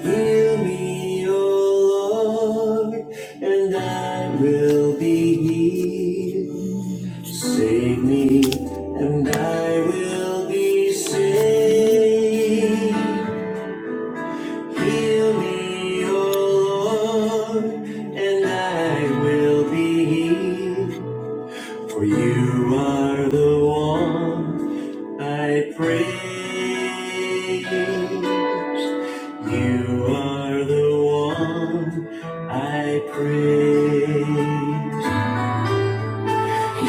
Heal me, O Lord, and I will be healed. Save me, and I will be saved. Heal me, O Lord, and I will be healed. For you are the one I praise. You are the one I praise.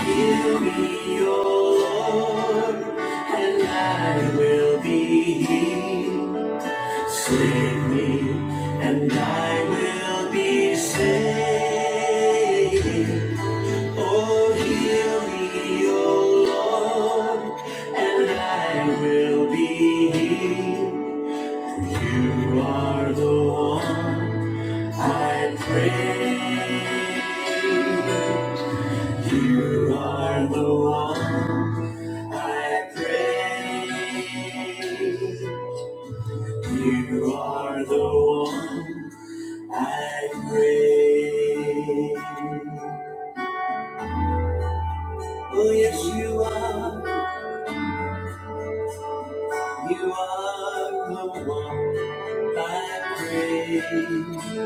Heal me, O Lord, and I will be healed. Save me, and I will be saved. Oh, hear me, O Lord, and I will be healed. You are the one I pray. You are the one I pray. You are the one I pray. Oh, yes, you are. You are the one I praise.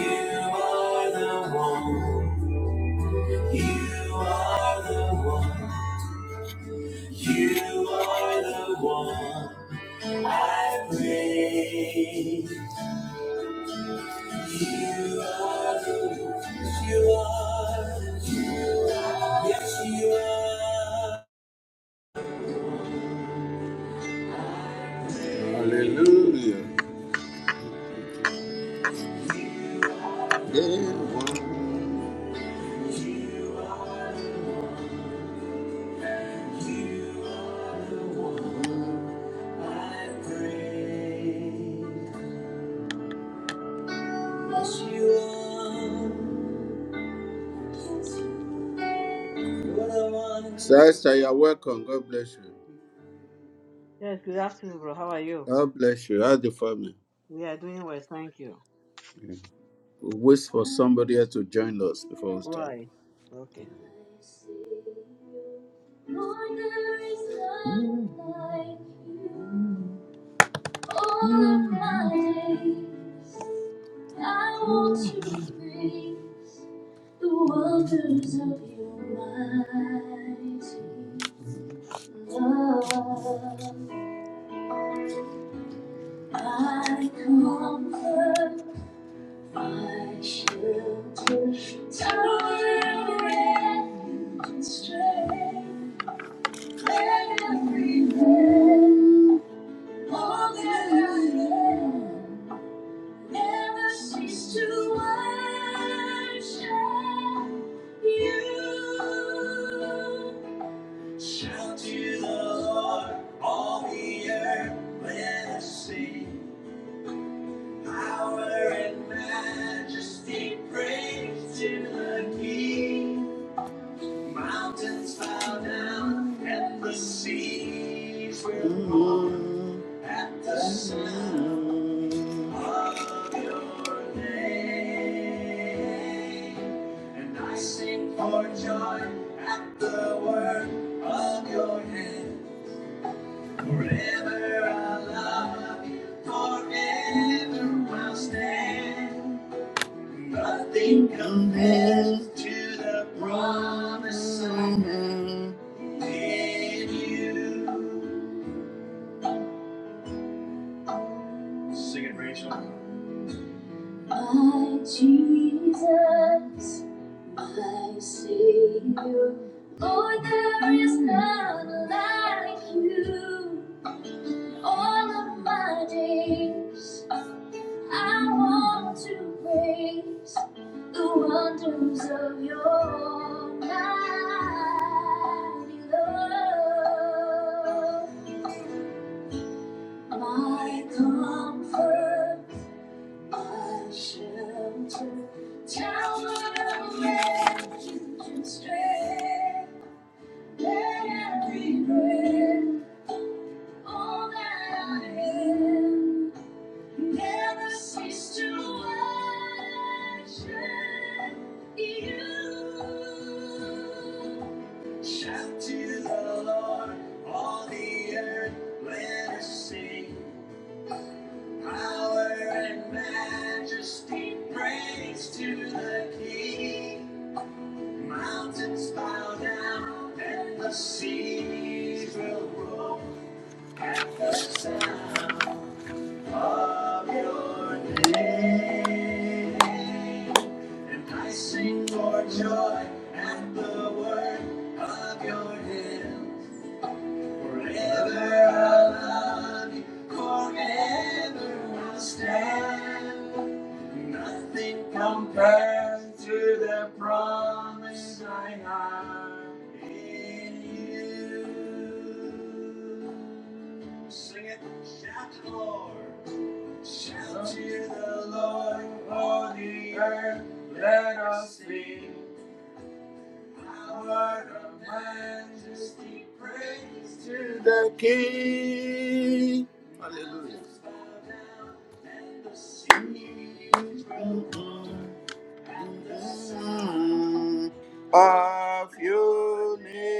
You are the one. You are the one. You are the one I praise. You are the one. You are. You are. Yes, you are. Hallelujah. The one. You are. Yes, Sister, you're welcome. God bless you. Yes, good afternoon, bro. How are you? God bless you. How's the family? We are doing well, thank you. Yeah. We'll wait for somebody else to join us before we start. Right. Okay. All of my days, I want to breathe. The waters of your mighty love, I comfort, I shelter, tower refuge and strength, every breath, all that I am, never cease to worship you. Shout to the Lord, all the earth, let us sing. Power and majesty, praise to the King. Mountains bow down, and the seas will roar at the sound of your name. And I sing for joy at the word of your hand. Forever I love forever will stand. Nothing compares to the promise I have in you. Sing it, Rachel. My Jesus, my Savior, Lord, there is none like you. In All of my days, I want to praise the wonders of your almighty love. My comfort, my shelter, tower of refuge and strength. Let every breath, all that I am. Never cease to worship you. Shout to the Lord, all the earth, let us sing. Power and majesty, praise to the King. Mountains bow down and the seas will roll at the sound. of your name. And I sing for joy at the word of your name. Forever I love you, forever will stand. Nothing compares to the promise I have in you. Sing it, shout it, Lord. Shout to the Lord, all the earth, let us sing. Power of majesty, praise to the King. Hallelujah. Mm-hmm. Of your name.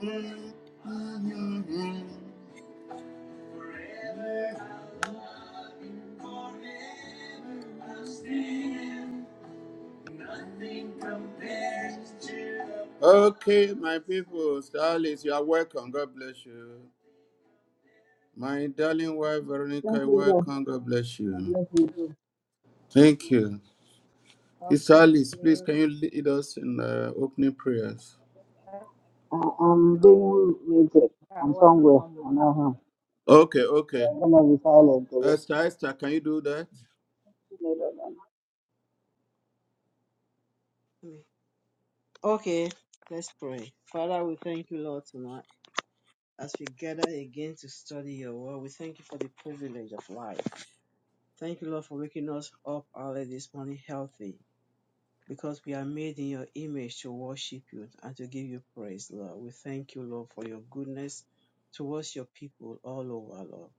Mm-hmm. Mm-hmm. Okay, my people, Starlings, you are welcome. God bless you. My darling wife, Veronica, Thank you're you, God. welcome. God bless Thank you. you, God. Thank you. God bless Starlings, please, you. can you lead us in uh, opening prayers? I I, am being muted. I'm somewhere. welcome, I man. know Okay, okay. him. I'm gonna be silent today. Esther, Esther, can you do that? Mm. Okay, let's pray. Father, we thank you, Lord, tonight. As we gather again to study your word, we thank you for the privilege of life. Thank you, Lord, for waking us up early this morning healthy because we are made in your image to worship you and to give you praise, Lord. We thank you, Lord, for your goodness towards your people all over, Lord.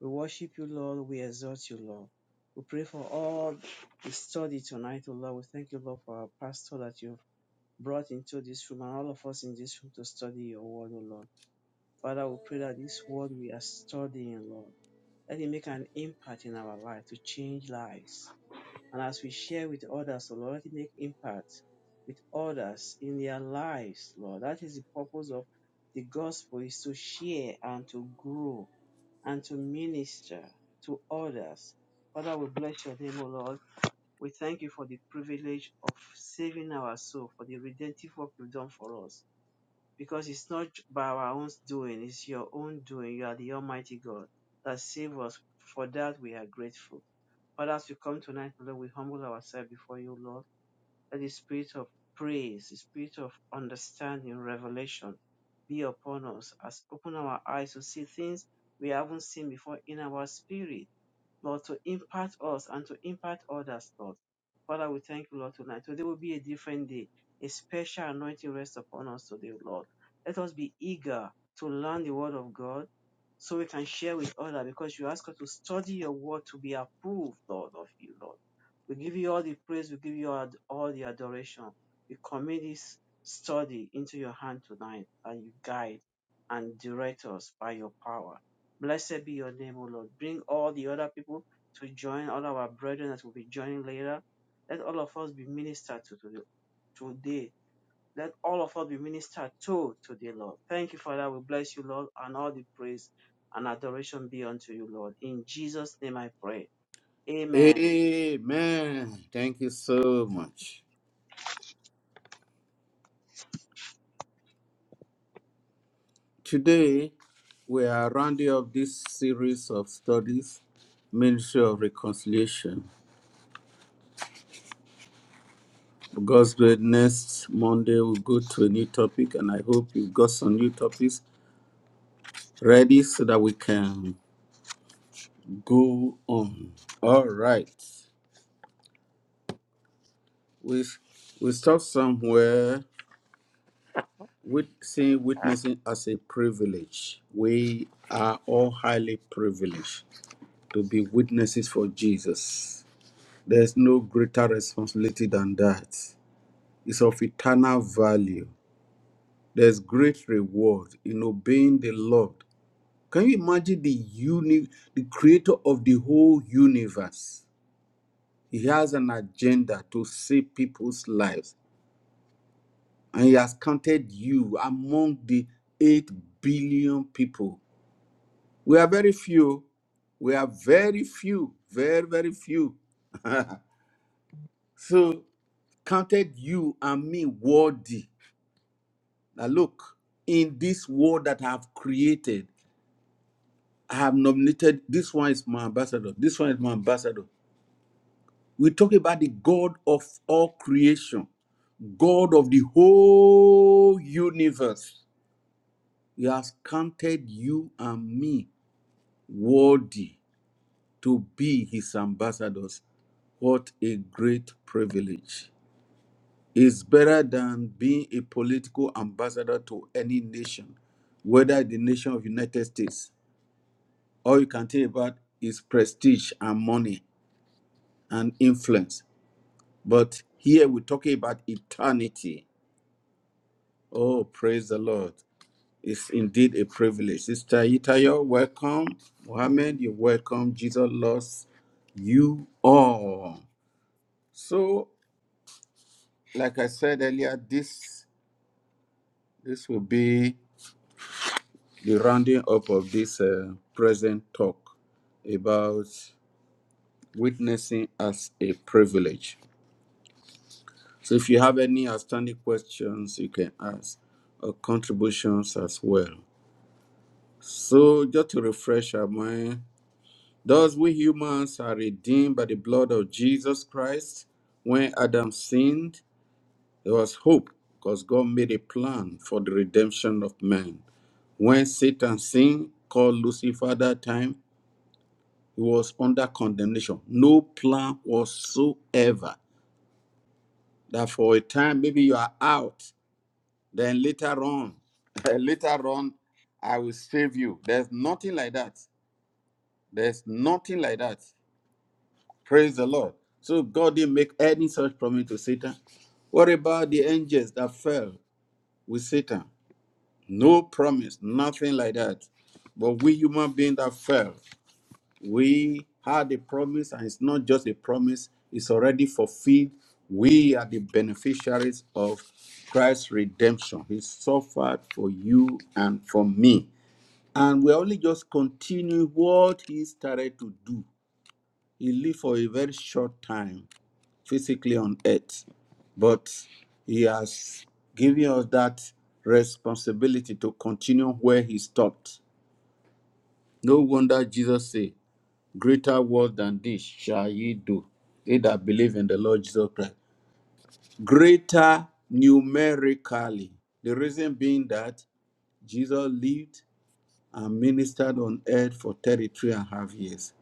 We worship you, Lord. We exalt you, Lord. We pray for all the study tonight, oh Lord. We thank you, Lord, for our pastor that you've brought into this room and all of us in this room to study your word, oh Lord. Father, we pray that this word we are studying, Lord, let it make an impact in our life to change lives. And as we share with others, oh Lord, let it make impact with others in their lives, Lord. That is the purpose of the gospel is to share and to grow and to minister to others. Father, we bless your name, O Lord. We thank you for the privilege of saving our soul, for the redemptive work you've done for us. Because it's not by our own doing, it's your own doing. You are the Almighty God that saved us. For that we are grateful. Father, as we come tonight, Lord, we humble ourselves before you, Lord that the spirit of praise, the spirit of understanding, revelation be upon us as open our eyes to see things we haven't seen before in our spirit Lord, to impact us and to impact others, Lord. Father, we thank you, Lord, tonight. Today will be a different day. A special anointing rests upon us today, Lord. Let us be eager to learn the word of God so we can share with others because you ask us to study your word to be approved, Lord, of you, Lord. We give you all the praise, we give you all all the adoration. We commit this study into your hand tonight and you guide and direct us by your power Blessed be your name, O Lord. Bring all the other people to join, all our brethren that will be joining later. Let all of us be ministered to today. Let all of us be ministered to today, Lord. Thank you, Father. We bless you, Lord, and all the praise and adoration be unto you, Lord. In Jesus' name I pray. Amen. Amen. Thank you so much. Today, we are rounding up this series of studies, Ministry of Reconciliation. God's great next Monday, we'll go to a new topic, and I hope you've got some new topics ready so that we can go on. All right. We, we stop somewhere with seeing witnessing as a privilege. We are all highly privileged to be witnesses for Jesus. There's no greater responsibility than that. It's of eternal value. There's great reward in obeying the Lord. Can you imagine the uni- the creator of the whole universe? He has an agenda to save people's lives, and he has counted you among the 8 billion people. We are very few. We are very few, very, very few. so counted you and me worthy Now look, in this world that I have created, I have nominated this one is my ambassador, this one is my ambassador. We talk about the God of all creation, God of the whole universe. He has counted you and me worthy to be his ambassadors. What a great privilege. It's better than being a political ambassador to any nation, whether the nation of United States all you can think about is prestige and money and influence. But here we're talking about eternity. Oh, praise the Lord. It's indeed a privilege. Sister Itayo, welcome. Amen. Mohammed, you're welcome. Jesus loves you all. So, like I said earlier, this this will be the rounding up of this uh, present talk about witnessing as a privilege. So if you have any outstanding questions, you can ask or contributions as well. So just to refresh our mind, thus we humans are redeemed by the blood of Jesus Christ. When Adam sinned, there was hope because God made a plan for the redemption of man. When Satan sinned, called Lucifer that time, he was under condemnation. No plan whatsoever that for a time maybe you are out Then later on, later on, I will save you. There's nothing like that. There's nothing like that. Praise the Lord. So God didn't make any such promise to Satan. What about the angels that fell with Satan? No promise, nothing like that. But we human beings that fell. We had a promise, and it's not just a promise, it's already fulfilled. We are the beneficiaries of Christ's redemption. He suffered for you and for me. And we only just continue what he started to do. He lived for a very short time physically on earth, but he has given us that responsibility to continue where he stopped. No wonder Jesus said, Greater work than this shall ye do, they that believe in the Lord Jesus Christ. Greater numerically. The reason being that Jesus lived and ministered on earth for 33 and a half years,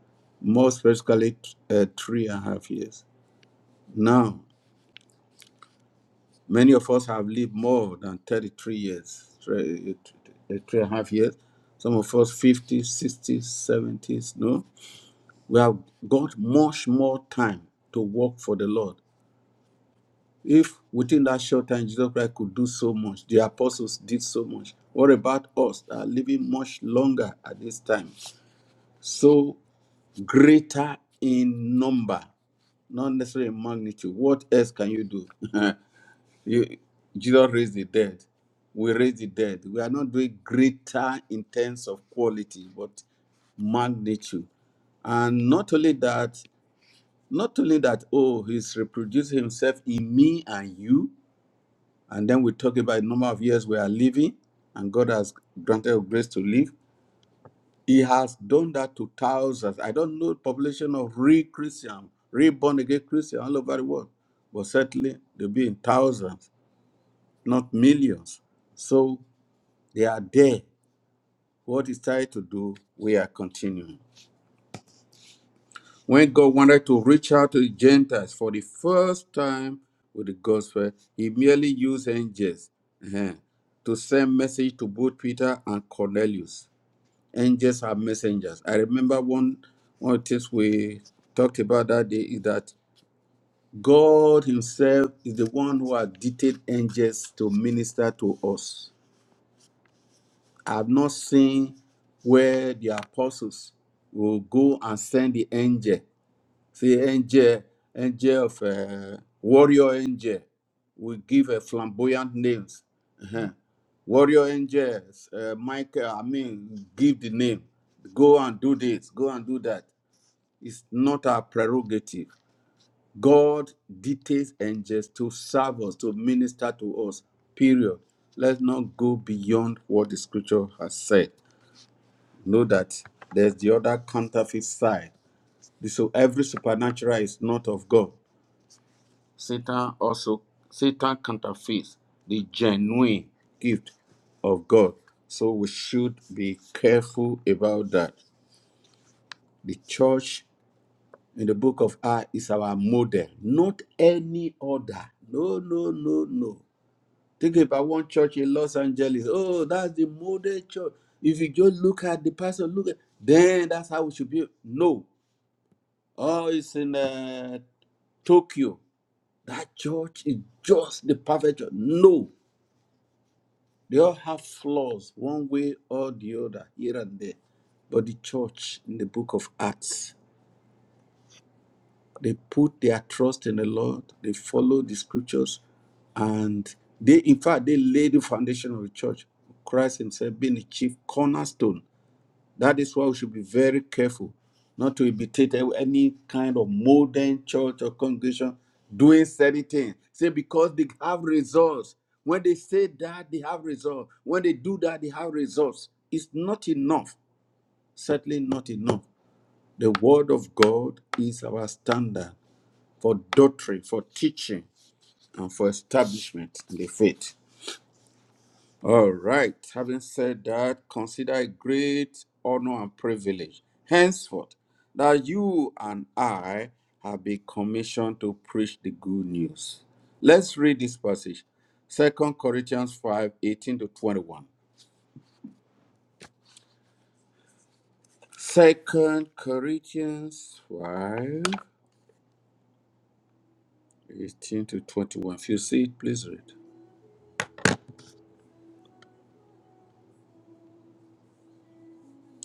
more specifically, uh, three and a half years. Now, many of us have lived more than 33 years, three, uh, three and a half years. Some of us 50, 60, 70s, no? We have got much more time to work for the Lord If within that short time Jesus Christ could do so much, the apostles did so much. What about us that are living much longer at this time? So greater in number, not necessarily in magnitude. What else can you do? you, Jesus raised the dead. We raise the dead. We are not doing greater in terms of quality, but magnitude. And not only that, not only that, oh, he's reproducing himself in me and you and then we talk about the number of years we are living, and God has granted us grace to live. He has done that to thousands. I don't know the population of real Christian, real born again Christian all over the world, but certainly they'll be in thousands, not millions. So they are there. What is trying to do, we are continuing. When God wanted to reach out to the Gentiles for the first time with the gospel, he merely used angels eh, to send message to both Peter and Cornelius. Angels are messengers. I remember one one of the things we talked about that day is that God Himself is the one who has dictated angels to minister to us. I have not seen where the apostles will go and send the angel See, angel, angel of uh, warrior angel, we give a flamboyant names. Warrior angels, uh, Michael, I mean, give the name. Go and do this, go and do that. It's not our prerogative. God dictates angels to serve us, to minister to us, period. Let's not go beyond what the scripture has said. Know that there's the other counterfeit side. So every supernatural is not of God Satan also Satan counterfeits the genuine gift of God. So we should be careful about that. The church in the book of Acts is our model, not any other. No, no, no, no. Think about one church in Los Angeles. Oh, that's the model church. If you just look at the pastor, look at then that's how we should be. No. Oh, it's in uh, Tokyo. That church is just the perfect church. No They all have flaws, one way or the other, here and there. But the church in the book of Acts, they put their trust in the Lord, they follow the scriptures, and they, in fact, they laid the foundation of the church. Christ Himself being the chief cornerstone. That is why we should be very careful not to imitate e, any kind of modern church or congregation doing certain things. Say because they have results. When they say that, they have results. When they do that, they have results. It's not enough. Certainly not enough. The word of God is our standard for doctrine, for teaching, and for establishment in the faith. All right. Having said that, consider it great honor and privilege henceforth that you and I have been commissioned to preach the good news. Let's read this passage. Second Corinthians 5 18 to 21. one. Second Corinthians 5 18 to 21. If you see it, please read.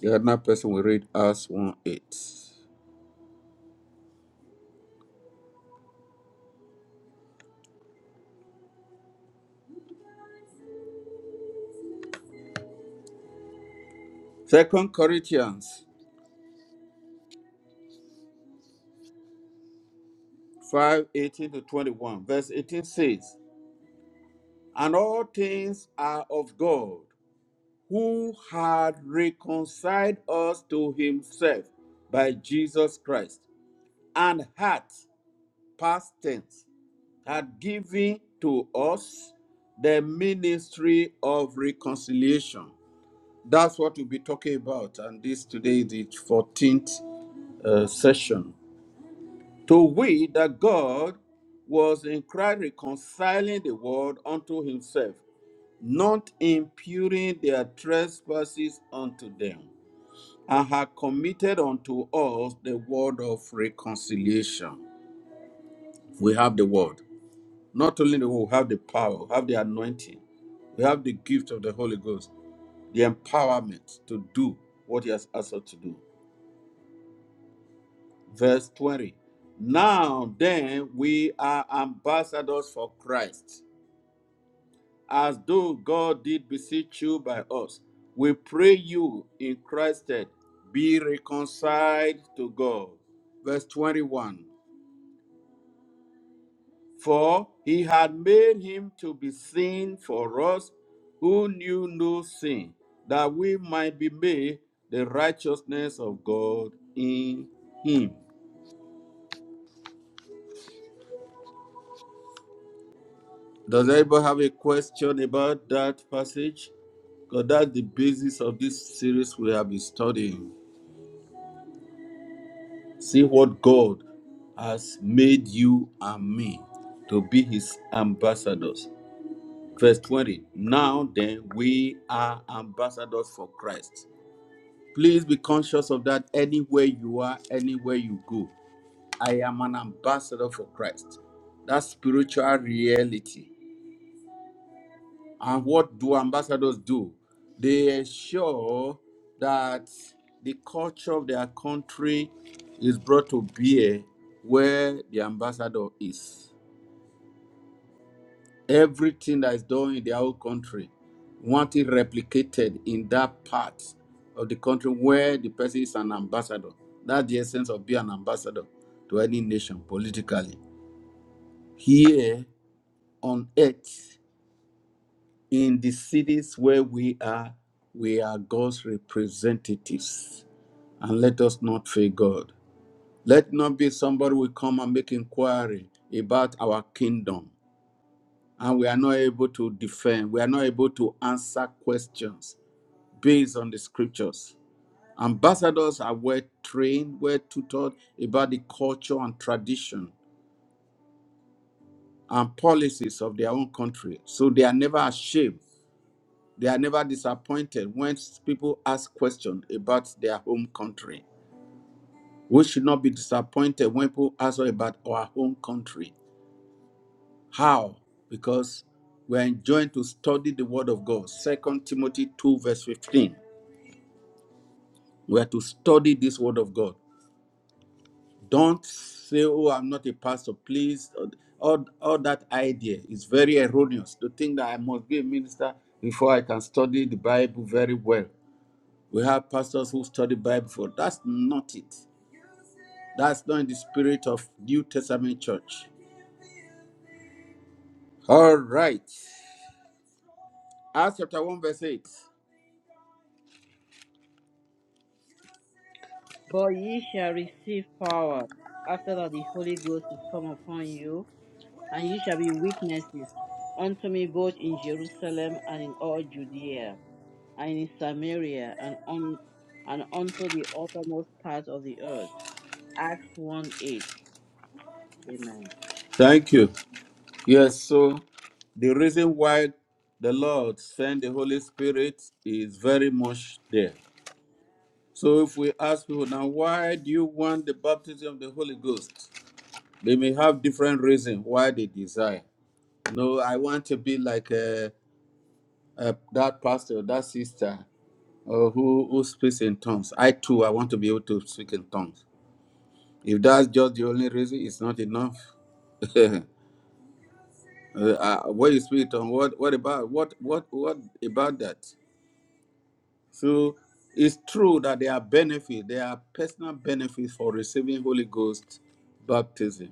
The other person will read us 1 8. Second Corinthians five eighteen to 21, verse 18 says, And all things are of God, who had reconciled us to himself by Jesus Christ, and hath, past tense, had given to us the ministry of reconciliation. That's what we'll be talking about, and this today is the 14th uh, session. To we that God was in Christ reconciling the world unto himself not imputing their trespasses unto them, and have committed unto us the word of reconciliation. We have the word. Not only do we have the power, we have the anointing, we have the gift of the Holy Ghost, the empowerment to do what He has asked us to do. Verse 20. Now then, we are ambassadors for Christ as though God did beseech you by us. We pray you in Christ that be reconciled to God. Verse 21 For he had made him to be sin for us who knew no sin, that we might be made the righteousness of God in him. Does anybody have a question about that passage? Because that's the basis of this series we have been studying. See what God has made you and me to be his ambassadors. Verse 20 Now then, we are ambassadors for Christ. Please be conscious of that anywhere you are, anywhere you go. I am an ambassador for Christ. That's spiritual reality. And what do ambassadors do? They ensure that the culture of their country is brought to bear where the ambassador is. Everything that is done in their own country, want it replicated in that part of the country where the person is an ambassador. That's the essence of being an ambassador to any nation politically. Here on earth, in the cities where we are, we are God's representatives. And let us not fear God. Let not be somebody will come and make inquiry about our kingdom. And we are not able to defend, we are not able to answer questions based on the scriptures. Ambassadors are well trained, well tutored about the culture and tradition and policies of their own country. So they are never ashamed They are never disappointed when people ask questions about their home country. We should not be disappointed when people ask us about our home country. How? Because we are enjoined to study the word of God. Second Timothy 2, verse 15. We are to study this word of God. Don't say, Oh, I'm not a pastor, please. All, all that idea is very erroneous to think that I must be a minister before I can study the Bible very well. We have pastors who study Bible for that's not it. That's not in the spirit of New Testament church. All right. Acts chapter 1, verse 8. After that, the Holy Ghost is come upon you, and you shall be witnesses unto me both in Jerusalem and in all Judea. and in Samaria, and on and unto the uttermost part of the earth. Acts 1 8. Amen. Thank you. Yes, so the reason why the Lord sent the Holy Spirit is very much there. So if we ask people now, why do you want the baptism of the Holy Ghost? They may have different reasons why they desire. No, I want to be like uh, uh, that pastor, that sister. Oh, who, who speaks in tongues? I too, I want to be able to speak in tongues. If that's just the only reason, it's not enough. uh, uh, what you speak on? What what about what what what about that? So it's true that there are benefits. There are personal benefits for receiving Holy Ghost baptism.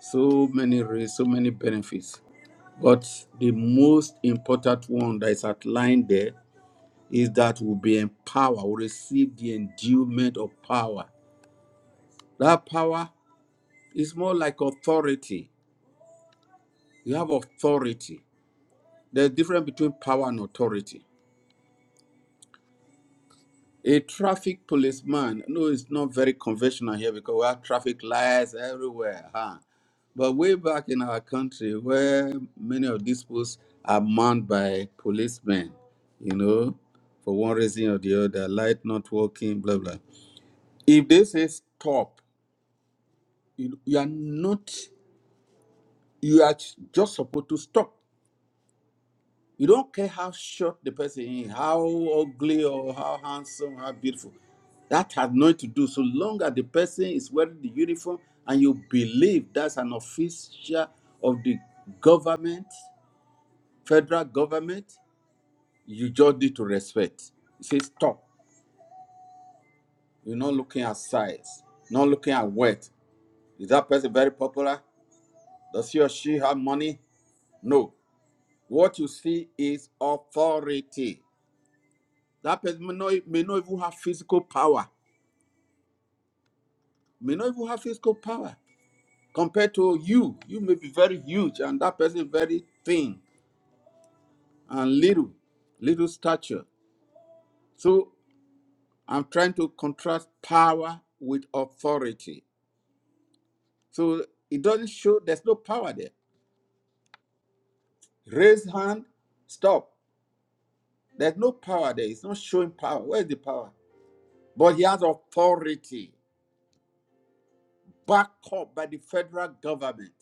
So many re- so many benefits. But the most important one that is outlined there is that we'll be empowered, we'll receive the endowment of power That power is more like authority. You have authority. There's difference between power and authority. A traffic policeman, no, it's not very conventional here because we have traffic lights everywhere. Huh? But way back in our country, where many of these posts are manned by policemen, you know, for one reason or the other, light not working, blah, blah. If they say stop, you, you are not, you are just supposed to stop. You don't care how short the person is, how ugly or how handsome, how beautiful. That has nothing to do. So long as the person is wearing the uniform and you believe that's an official of the government, federal government, you just need to respect. You say stop. You're not looking at size, not looking at wealth. Is that person very popular? Does he or she have money? No. What you see is authority. That person may not, may not even have physical power, may not even have physical power. Compared to you, you may be very huge and that person very thin and little, little stature. So I'm trying to contrast power with authority. So it doesn't show there's no power there. Raise hand, stop. There's no power there. It's not showing power. Where's the power? But he has authority backed up by the federal government,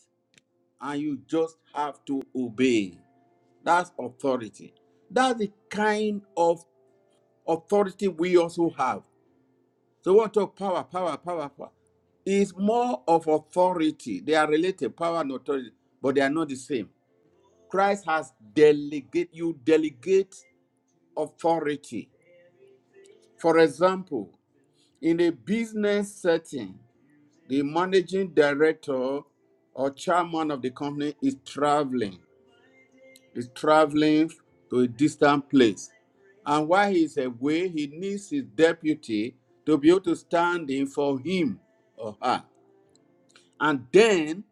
and you just have to obey. That's authority. That's the kind of authority we also have. So what of power, power, power, power? Is more of authority. They are related, power and authority, but they are not the same. Christ has delegate you delegate authority. For example, in a business setting, the managing director or chairman of the company is traveling. is traveling to a distant place. And while he is away, he needs his deputy to be able to stand in for him or her. And then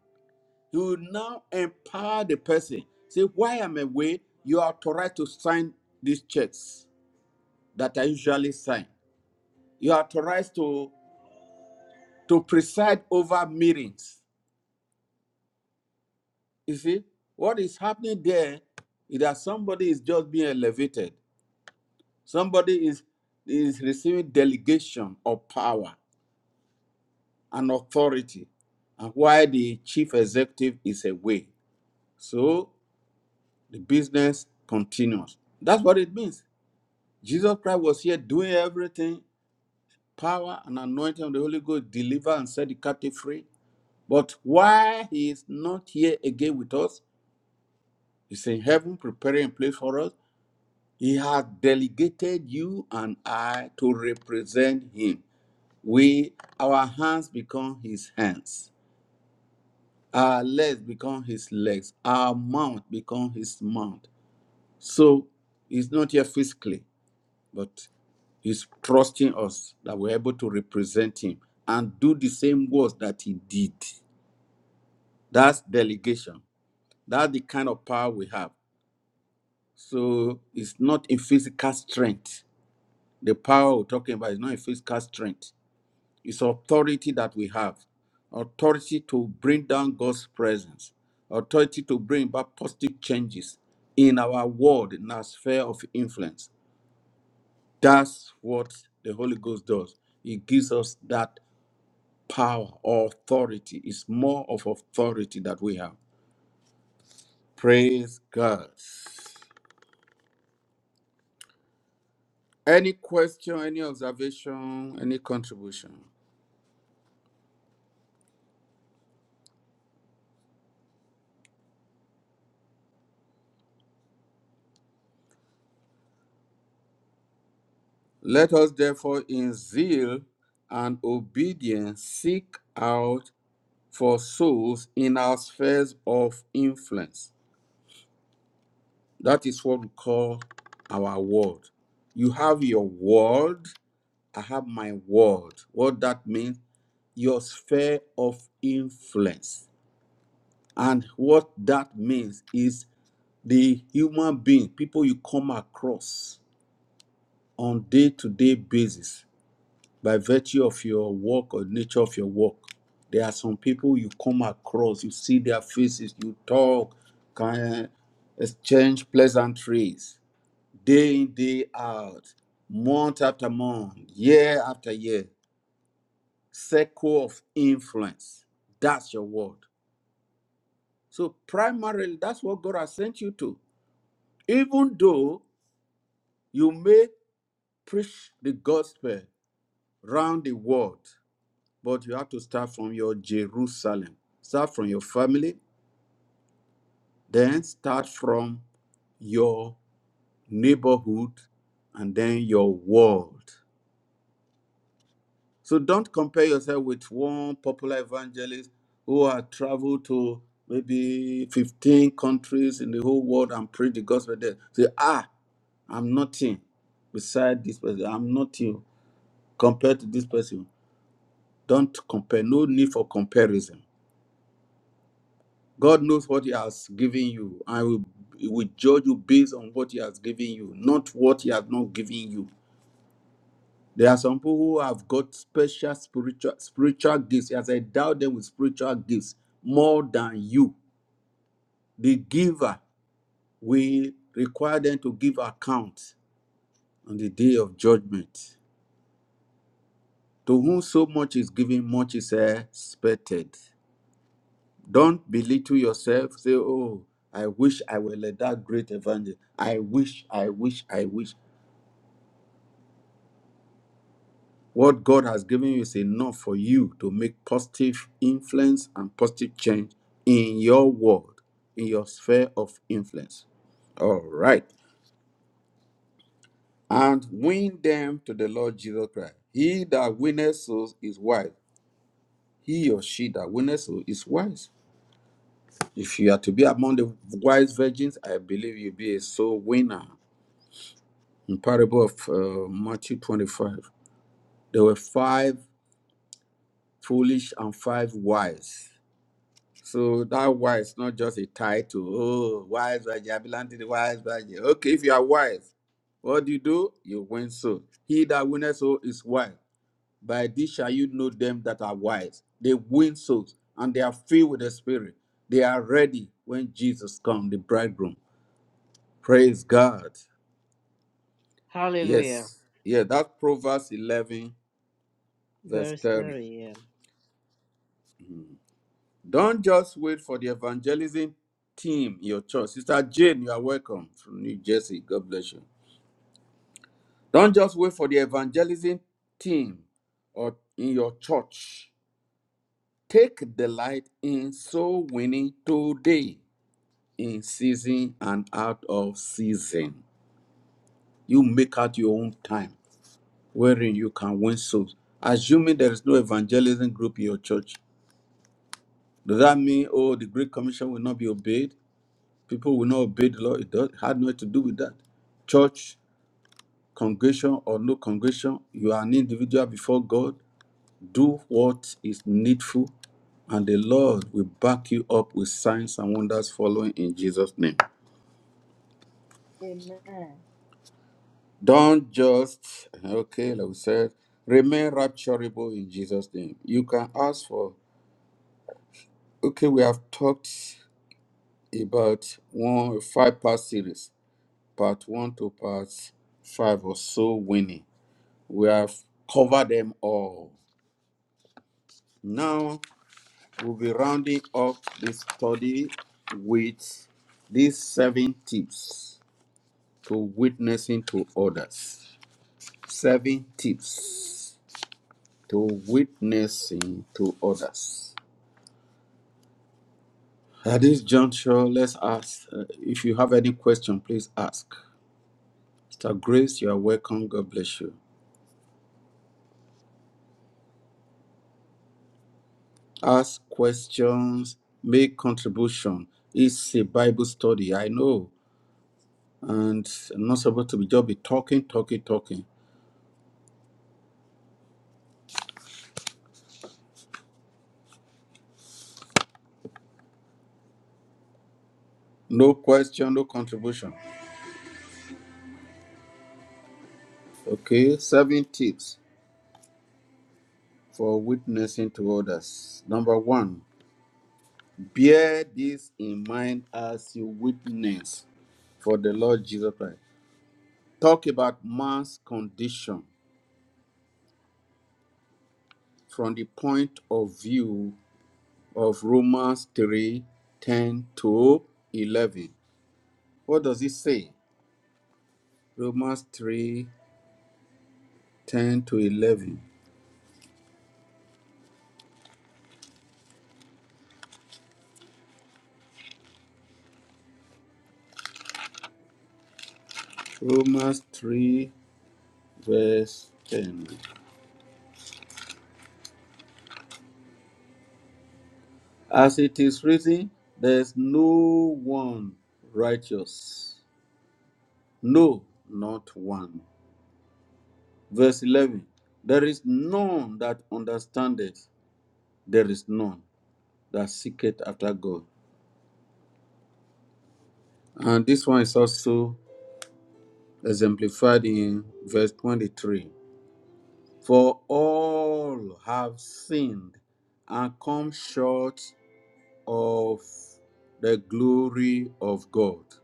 he will now empower the person. Say, while I'm away, you are authorized to sign these checks that I usually sign. You are authorized to, to preside over meetings. You see, what is happening there is that somebody is just being elevated. Somebody is, is receiving delegation of power and authority, and while the chief executive is away. So the business continues. That's what it means. Jesus Christ was here doing everything, power and anointing of the Holy Ghost, deliver and set the captive free. But why he is not here again with us, he's in heaven preparing a place for us. He has delegated you and I to represent him. We our hands become his hands, our legs become his legs, our mouth become his mouth. So he's not here physically, but he's trusting us that we're able to represent him and do the same works that he did. That's delegation. That's the kind of power we have. So it's not in physical strength. The power we're talking about is not in physical strength It's authority that we have authority to bring down God's presence, authority to bring about positive changes in our world, in our sphere of influence. That's what the Holy Ghost does. He gives us that power, or authority. It's more of authority that we have. Praise God. Any question, any observation, any contribution? Let us therefore in zeal and obedience seek out for souls in our spheres of influence. That is what we call our world. You have your world, I have my world. What that means, your sphere of influence. And what that means is the human being, people you come across on day to day basis by virtue of your work or nature of your work. There are some people you come across, you see their faces, you talk, can exchange pleasantries day in, day out, month after month, year after year. Circle of influence. That's your word. So, primarily, that's what God has sent you to. Even though you may preach the gospel round the world, but you have to start from your Jerusalem. Start from your family, then start from your neighborhood, and then your world. So don't compare yourself with one popular evangelist who has traveled to maybe 15 countries in the whole world and preached the gospel there. Say, ah, I'm nothing beside this person. I'm nothing compared to this person. Don't compare. No need for comparison God knows what He has given you. I will, he will judge you based on what He has given you, not what He has not given you. There are some people who have got special spiritual spiritual gifts. As I doubt them with spiritual gifts more than you, the giver will require them to give account on the day of judgment. To whom so much is given, much is expected. Don't belittle yourself. Say, oh, I wish I were like that great evangelist. I wish, I wish, I wish. What God has given you is enough for you to make positive influence and positive change in your world, in your sphere of influence. All right. And win them to the Lord Jesus Christ. He that winneth souls is wise. He or she that winneth souls is wise. If you are to be among the wise virgins, I believe you'll be a soul winner. In parable of uh, Matthew 25, there were five foolish and five wise. So that wise, not just a title. Oh, wise, wise, vigilante, the wise, wise. Okay, if you are wise, what do you do? You win soul. He that winneth soul is wise. By this shall you know them that are wise. They win souls and they are filled with the Spirit. They are ready when Jesus comes, the bridegroom. Praise God. Hallelujah. Yes. Yeah, that's Proverbs 11, verse Verse 30. 30. Yeah. Don't just wait for the evangelism team, your church. Sister Jane, you are welcome from New Jersey. God bless you. Don't just wait for the evangelism team or in your church. Take delight in soul winning today, in season and out of season. You make out your own time wherein you can win souls. Assuming there is no evangelism group in your church, does that mean, oh, the Great Commission will not be obeyed? People will not obey the law. It does, had nothing to do with that. Church, congregation, or no congregation, you are an individual before God. Do what is needful, and the Lord will back you up with signs and wonders following in Jesus' name. Amen. Don't just, okay, like we said, remain rapturable in Jesus' name. You can ask for, okay, we have talked about one five part series, part one to part five or so winning. We have covered them all. Now we'll be rounding up this study with these seven tips to witnessing to others. Seven tips to witnessing to others. At this juncture, let's ask uh, if you have any question, please ask. Mr. Grace, you are welcome. God bless you. Ask questions, make contribution. It's a Bible study. I know and I'm not supposed to be just be talking, talking, talking. No question, no contribution. Okay, seven tips for witnessing to others. Number one, bear this in mind as you witness for the Lord Jesus Christ. Talk about man's condition from the point of view of Romans 3 10 to 11. What does it say? Romans 3 10 to 11. Romans 3 verse 10. As it is written, there is no one righteous, no, not one. Verse 11. There is none that understandeth, there is none that seeketh after God. And this one is also exemplified in verse 23. For all have sinned and come short of the glory of God.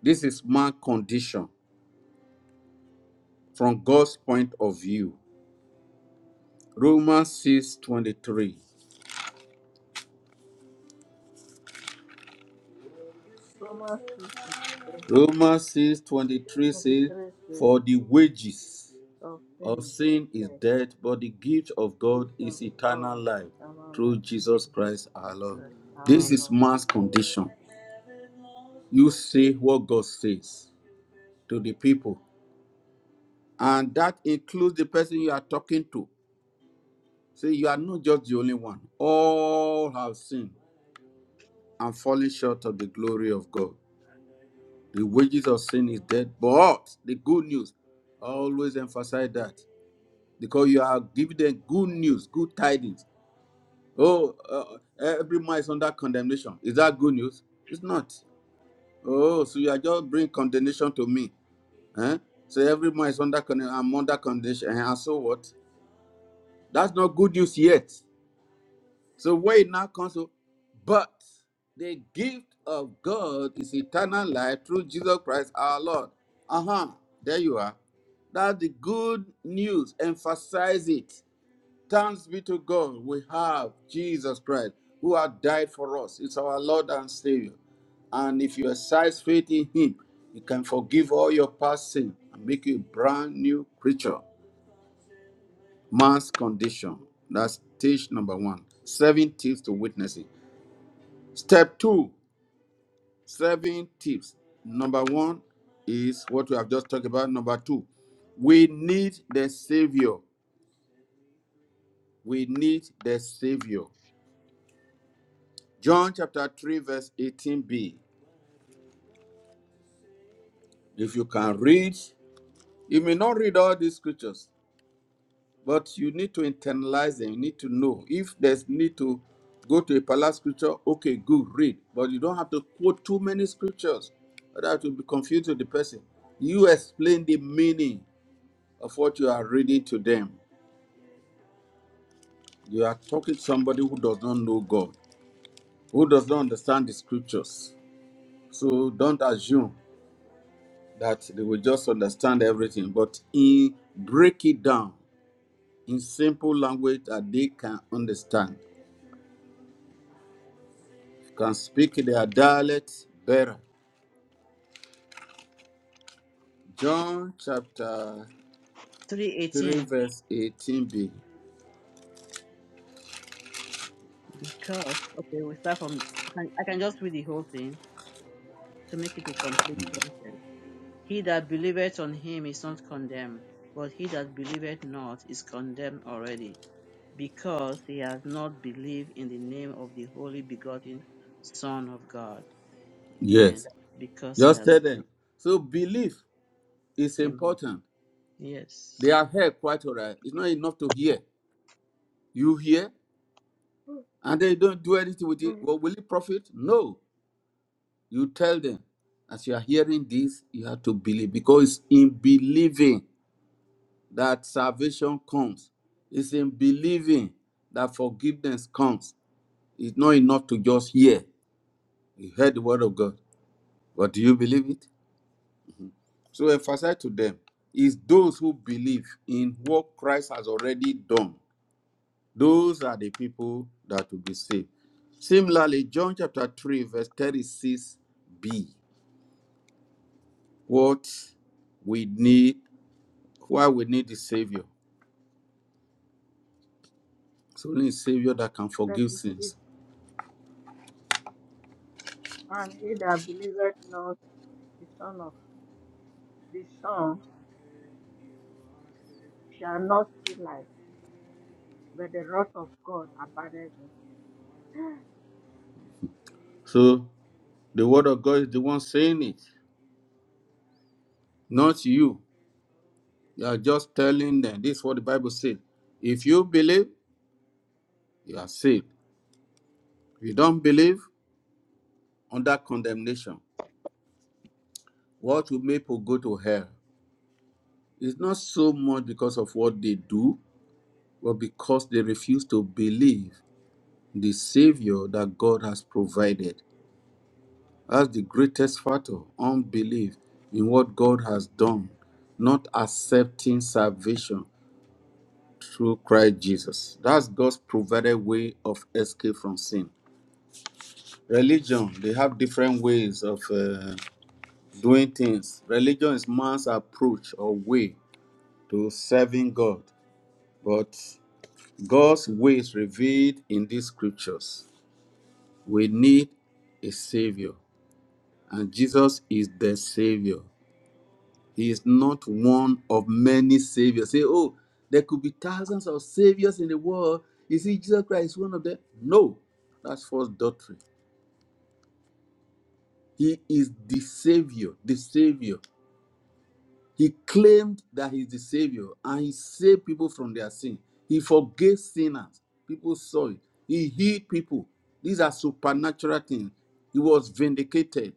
This is man's condition from God's point of view. Romans 6:23. Romans 6, 23, Romans 6:23 says, 23 says, "For the wages Of of things sin is that death, but the gift of you God of is eternal God, life someone through like Jesus Christ our Lord." Christ our This Amen. is Lord. man's condition. You say what God says to the people, and that includes the person you are talking to. Say you are not just the only one. All have sinned and falling short of the glory of God. The wages of sin is death, but the good news, I always emphasize that because you are giving them good news, good tidings. Oh, uh, every man is under condemnation. Is that good news? It's not. Oh, so you are just bringing condemnation to me. Eh? So every man is under condemnation. I'm under condemnation. Eh, And so what? That's not good news yet. So wait now, comes to? but the gift of God is eternal life through Jesus Christ our Lord. Uh-huh. There you are. That's the good news. Emphasize it. Thanks be to God. We have Jesus Christ who has died for us. It's our Lord and Savior. And if you exercise faith in him, he can forgive all your past sin and make you a brand new creature. Man's condition. That's stage number one. Seven tips to witness it. Step two, seven tips. Number one is what we have just talked about. Number two, we need the Savior. We need the Savior. John chapter 3, verse 18b. If you can read, you may not read all these scriptures, but you need to internalize them. You need to know. If there's need to go to a palace scripture, okay, good, read. But you don't have to quote too many scriptures. That will be confusing to the person. You explain the meaning of what you are reading to them. You are talking to somebody who does not know God, who does not understand the scriptures. So don't assume that they will just understand everything, but in break it down in simple language that they can understand, can speak their dialect better. John chapter 3, 318. verse 18b. Because, okay, we start from, can- I can just read the whole thing to make it a complete sentence. He that believeth on him is not condemned, but he that believeth not is condemned already, because he has not believed in the name of the only begotten Son of God. Amen. Yes, Because he just has tell not them. failed. So belief is Amen. important. Yes. They are heard quite all right. It's not enough to hear. You hear? and they don't do anything with it, well, will it profit? No. You tell them, as you are hearing this, you have to believe because in believing that salvation comes, it's in believing that forgiveness comes. It's not enough to just hear. You heard the word of God, but do you believe it? So emphasize to them is those who believe in what Christ has already done Those are the people that will be saved. Similarly, John chapter 3, verse 36b. What we need, why we need the Savior. It's only a Savior that can forgive 36, sins. And he that believeth not the Son of the Son shall not see life, but the wrath of God abideth in him. So the word of God is the one saying it, not you. You are just telling them this is what the Bible says. If you believe, you are saved. If you don't believe, under condemnation. What will make people go to hell? It's not so much because of what they do, but because they refuse to believe the Savior that God has provided. That's the greatest factor unbelief in what God has done, not accepting salvation through Christ Jesus. That's God's provided way of escape from sin. Religion, they have different ways of uh, doing things. Religion is man's approach or way to serving God, but God's way is revealed in these scriptures. We need a Savior, and Jesus is the Savior. He is not one of many Saviors. Say, oh, there could be thousands of Saviors in the world. You see, Jesus Christ is one of them. No, that's false doctrine. He is the Savior, the Savior. He claimed that he's the Savior and he saved people from their sin. He forgave sinners. People saw it. He healed people. These are supernatural things. He was vindicated.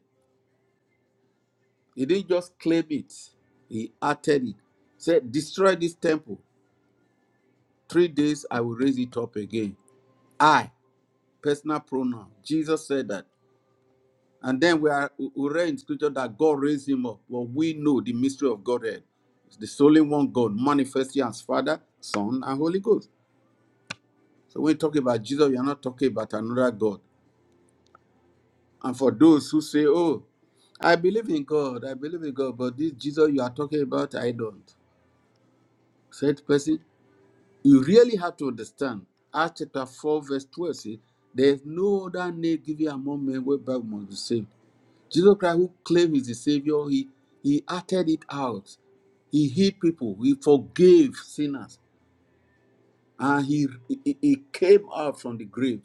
He didn't just claim it, he uttered it. Said, Destroy this temple. Three days I will raise it up again. I, personal pronoun. Jesus said that. And then we are we read in scripture that God raised him up. Well, we know the mystery of Godhead. It's the solely one God manifested as Father, Son, and Holy Ghost. So when you talk about Jesus, you're not talking about another God. And for those who say, Oh, I believe in God, I believe in God, but this Jesus you are talking about, I don't. Said person, You really have to understand Acts chapter 4, verse 12 says, There is no other name given among men whereby we must be saved. Jesus Christ, who claimed is the Savior, he, he acted it out. He healed people, he forgave sinners, and he, he, he came out from the grave.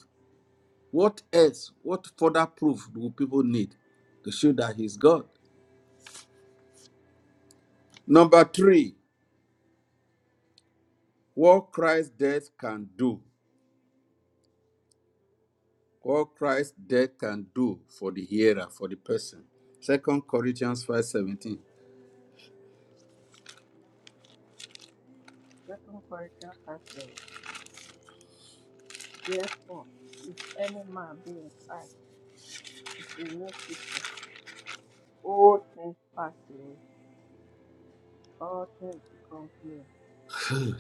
What else, what further proof do people need to show that he's God? Number three, what Christ's death can do. What Christ's death can do for the hearer, for the person. Second Corinthians 5.17. Second Corinthians 5, 7. Therefore, if any man be in Christ, is a new creature. All things pass away all things become new.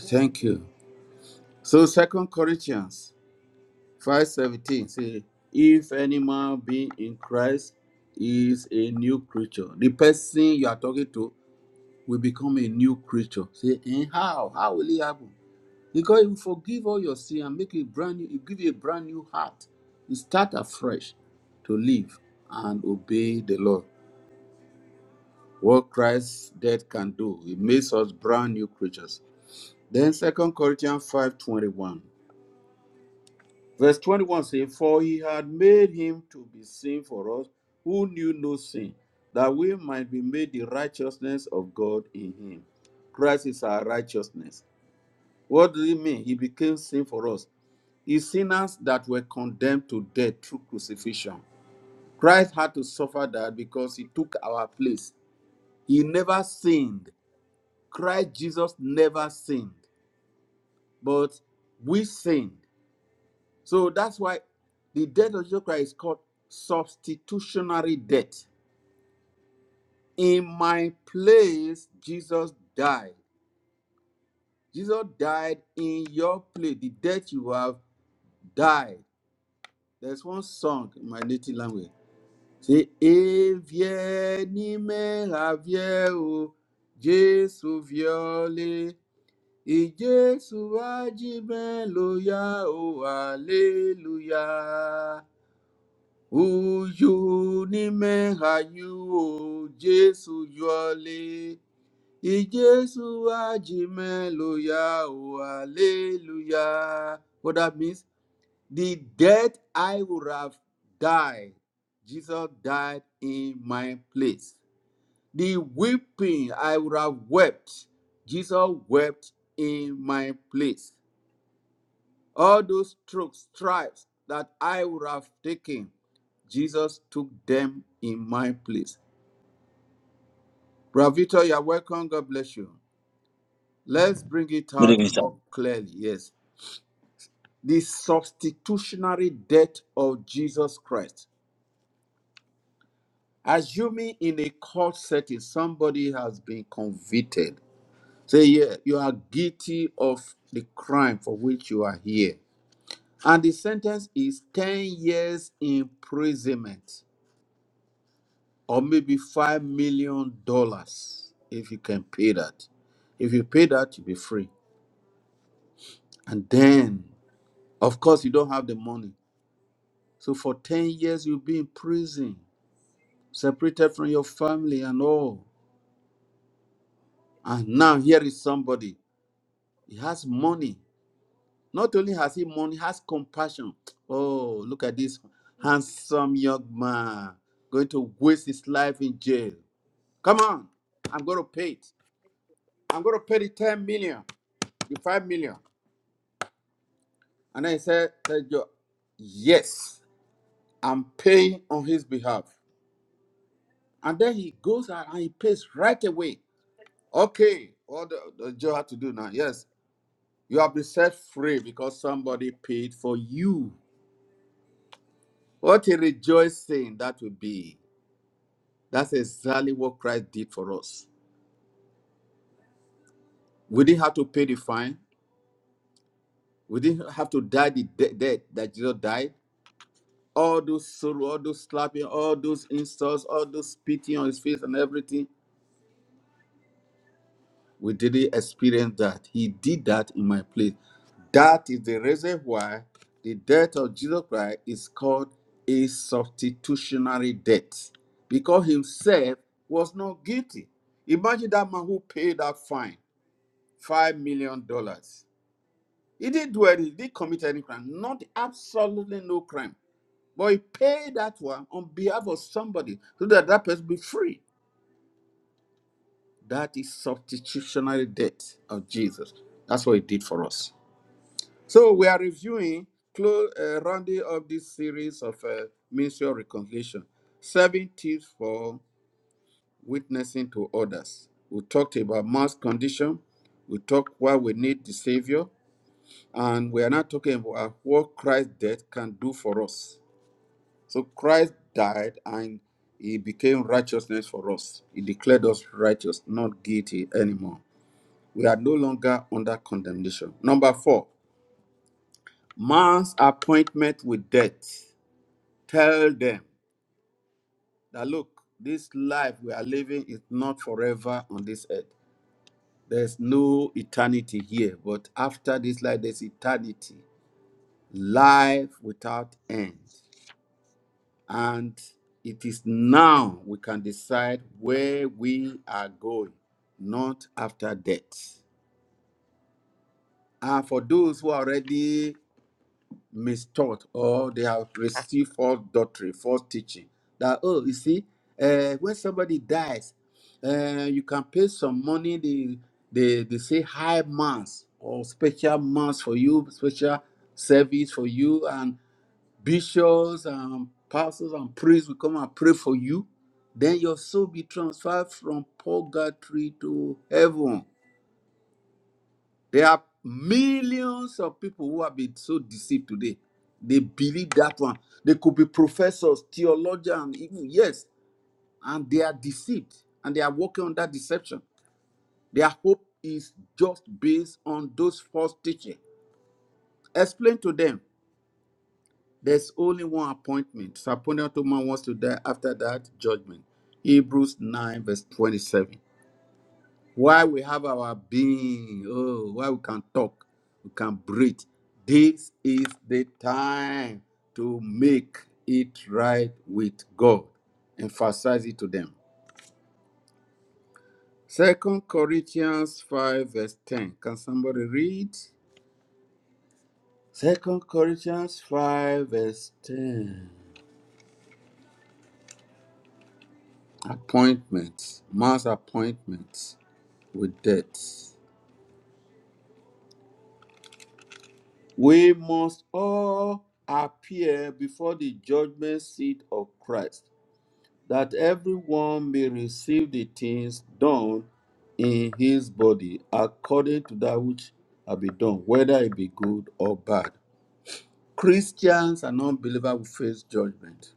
Thank Everything. you. So Second Corinthians 5.17 say, if any man be in Christ, he is a new creature. The person you are talking to will become a new creature. Say, and how? How will it happen? Because he will forgive all your sin and make it brand new, he will give you a brand new heart. You start afresh to live and obey the Lord. what Christ's death can do. It makes us brand new creatures. Then Second Corinthians 5:21, Verse 21 says, For he had made him to be sin for us who knew no sin, that we might be made the righteousness of God in him. Christ is our righteousness. What does it mean? He became sin for us. He's sinners that were condemned to death through crucifixion. Christ had to suffer that because he took our place. He never sinned Christ Jesus never sinned, but we sinned. So that's why the death of Jesus Christ is called substitutionary death. In my place, Jesus died. Jesus died in your place. The death you have died. There's one song in my native language. Say, Evie ni me avie o, Jesu viole. Ìjésù ajímẹ́lóyá o hallelujah. Uyu ni mehayu o Jésù yọlé. Ìjésù ajímẹ́lóyá o hallelujah. What that means? The death I would have died, Jesus died in my place. The weeping I would have wept, Jesus wept in my place. All those strokes, stripes that I would have taken, Jesus took them in my place. Brother Victor, you're welcome. God bless you. Let's bring it Good out evening, sir. more clearly. Yes. The substitutionary death of Jesus Christ. Assuming in a court setting somebody has been convicted, say, Yeah, you are guilty of the crime for which you are here. And the sentence is 10 years imprisonment. or maybe five million dollars if you can pay that. If you pay that, you'll be free. And then, of course, you don't have the money. So for 10 years, you'll be in prison, separated from your family and all. And now here is somebody. He has money. Not only has he money, has compassion. Oh, look at this handsome young man going to waste his life in jail. Come on, I'm going to pay it. I'm going to pay the 10 million, the 5 million. And I said, said Joe, yes, I'm paying on his behalf. And then he goes out and he pays right away. Okay, what the, the Joe had to do now? Yes, you have been set free because somebody paid for you. What a rejoicing that would be. That's exactly what Christ did for us. We didn't have to pay the fine. We didn't have to die the de- death that Jesus died. All those sorrow, all those slapping, all those insults, all those spitting on his face and everything. We didn't experience that. He did that in my place. That is the reason why the death of Jesus Christ is called a substitutionary death because himself was not guilty. Imagine that man who paid that fine, $5 million. dollars. He didn't do anything, he didn't commit any crime, not absolutely no crime. But he paid that one on behalf of somebody so that that person be free. That is substitutionary death of Jesus. That's what he did for us. So we are reviewing, close, uh, rounding up this series of uh, ministerial reconciliation, seven tips for witnessing to others. We talked about mass condition. We talked why we need the Savior, and we are now talking about what Christ's death can do for us. So Christ died and he became righteousness for us. He declared us righteous, not guilty anymore. We are no longer under condemnation. Number four, man's appointment with death. Tell them that look, this life we are living is not forever on this earth. There's no eternity here, but after this life, there's eternity, life without end. And it is now we can decide where we are going, not after death. And for those who are already mistaught or they have received false doctrine, false teaching. That, oh, you see, uh, when somebody dies, uh, you can pay some money, they, they, they say high mass or special mass for you, special service for you, and bishops and pastors and priests will come and pray for you. Then your soul be transferred from purgatory to heaven. There are millions of people who have been so deceived today. They believe that one. They could be professors, theologians, even yes, and they are deceived and they are working on that deception. Their hope is just based on those false teaching. Explain to them there's only one appointment. So appointed to man wants to die after that judgment. Hebrews 9, verse 27. Why we have our being. Oh, why we can talk, we can breathe. This is the time to make it right with God. Emphasize it to them. Second Corinthians 5, verse 10. Can somebody read? Second Corinthians 5, verse 10. Appointments, mass appointments with death. We must all appear before the judgment seat of Christ that everyone may receive the things done in his body according to that which have been done, whether it be good or bad. Christians and unbelievers will face judgment,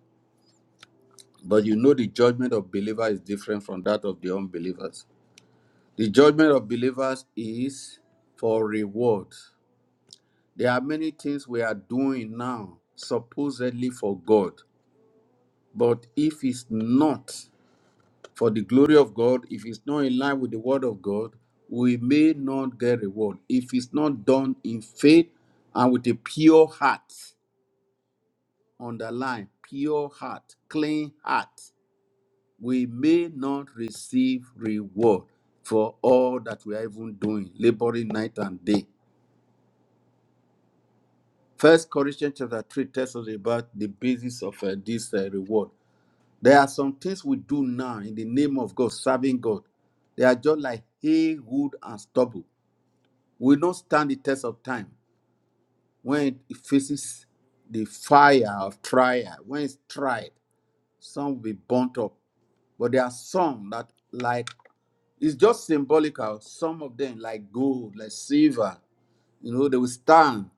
but you know the judgment of believers is different from that of the unbelievers. The judgment of believers is for reward. There are many things we are doing now, supposedly for God, but if it's not for the glory of God, if it's not in line with the word of God, we may not get reward. If it's not done in faith and with a pure heart, underline pure heart, clean heart, we may not receive reward for all that we are even doing, laboring night and day. First Corinthians chapter 3 tells us about the basis of uh, this uh, reward. There are some things we do now in the name of God, serving God. They are just like hay, wood, and stubble. will not stand the test of time when it faces the fire of trial. When it's tried, some will be burnt up. But there are some that, like, it's just symbolical. Some of them, like gold, like silver, you know, they will stand.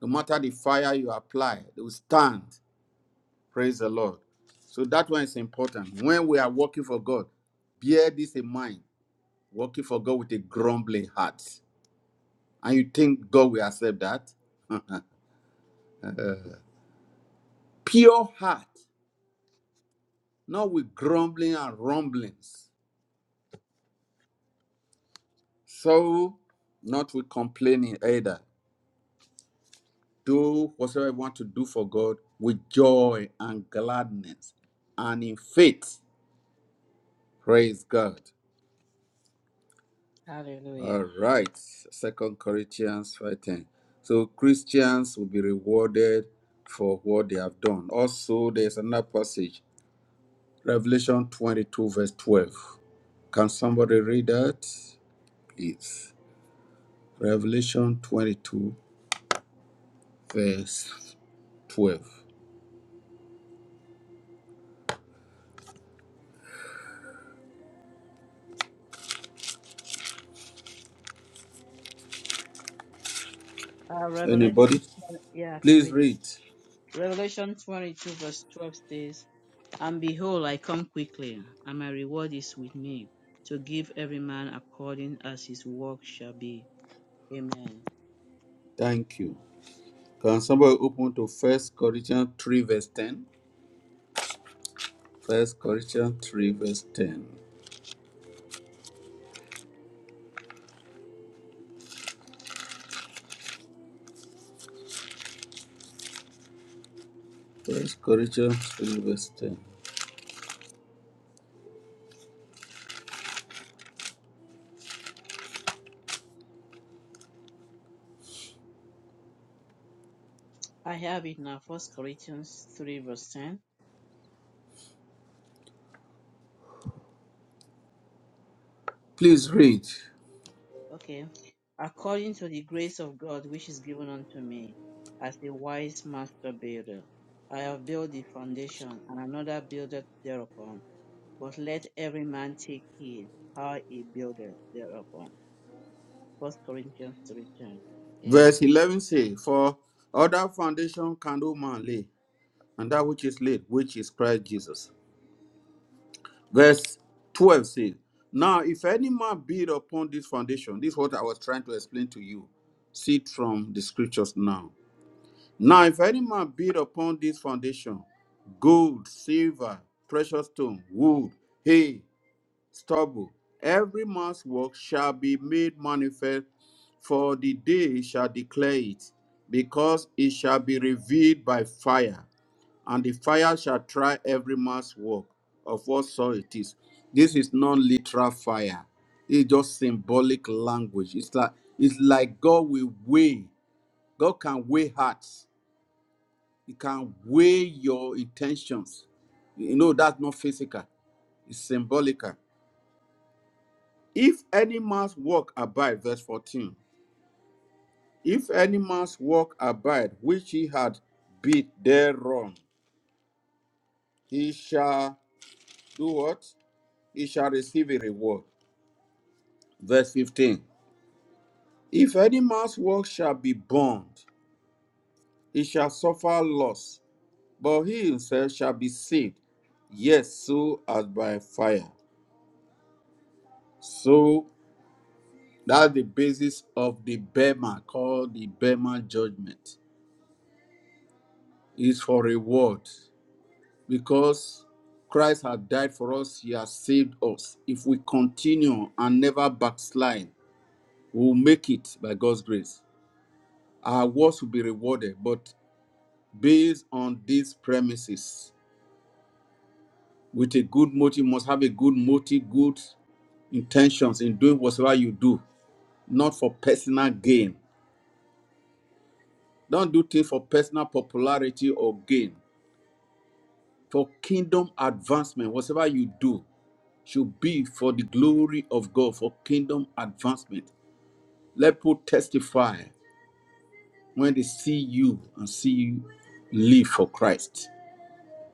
No matter the fire you apply, they will stand. Praise the Lord. So that one is important. When we are working for God, bear this in mind. Working for God with a grumbling heart. And you think God will accept that? pure heart, not with grumbling and rumblings. So, not with complaining either. Do whatsoever you want to do for God with joy and gladness and in faith. Praise God. Hallelujah. All right. Second Corinthians 5:10. So Christians will be rewarded for what they have done. Also, there's another passage, Revelation 22, verse 12. Can somebody read that? Please. Revelation 22, verse 12. Uh, Revelation, Anybody? yeah, I can Please read it. read. Revelation 22, verse 12 says, And behold, I come quickly, and my reward is with me, to give every man according as his work shall be. Amen. Thank you. Can somebody open to First Corinthians 3, verse 10? First Corinthians 3, verse 10. First Corinthians 3, verse 10. I have it now, First Corinthians 3, verse 10. Please read. Okay. According to the grace of God which is given unto me, as a wise master builder, I have built the foundation, and another buildeth thereupon. But let every man take heed how he buildeth thereupon. First Corinthians three ten. Amen. Verse 11 says, For other foundation can no man lay, and that which is laid, which is Christ Jesus. Verse 12 says, Now, if any man build upon this foundation, this is what I was trying to explain to you. See it from the scriptures now. Now, if any man build upon this foundation, gold, silver, precious stone, wood, hay, stubble, every man's work shall be made manifest, for the day shall declare it, because it shall be revealed by fire and the fire shall try every man's work of what sort it is. This is non-literal fire. It's just symbolic language. It's like it's like God will weigh. God can weigh hearts. He can weigh your intentions. You know that's not physical. It's symbolical. If any man's work abide, verse 14. If any man's work abide, which he had beat thereon, he shall do what? He shall receive a reward. Verse 15 If any man's work shall be burned, he shall suffer loss, but he himself shall be saved, yes, so as by fire. So that's the basis of the Bema called the Bema judgment. Is for reward because Christ has died for us, He has saved us. If we continue and never backslide, we'll make it by God's grace. Our works will be rewarded, but based on these premises with a good motive you must have a good motive good intentions in doing whatsoever you do not for personal gain don't do things for personal popularity or gain for kingdom advancement whatever you do should be for the glory of god for kingdom advancement let people testify when they see you and see you live for christ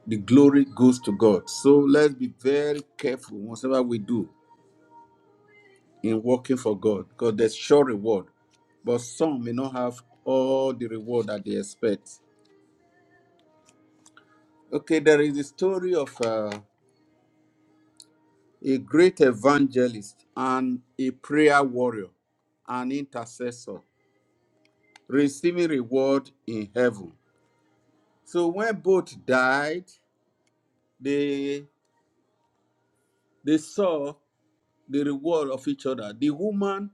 the glory goes to god so let's be very careful whatever we do in working for God because there's sure reward, but some may not have all the reward that they expect. Okay, there is a story of uh, a great evangelist and a prayer warrior, an intercessor, receiving reward in heaven. So when both died, they they saw the reward of each other. The woman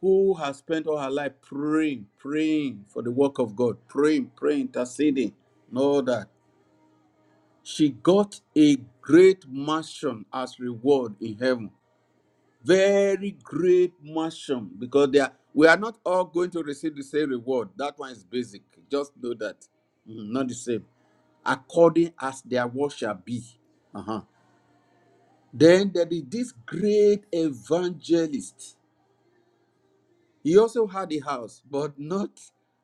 who has spent all her life praying, praying for the work of God, praying, praying, interceding, and all that. She got a great mansion as reward in heaven. Very great mansion because they are, we are not all going to receive the same reward. That one is basic. Just know that. Mm, Not the same. According as their work shall be. Uh-huh. Then there is this great evangelist. He also had a house, but not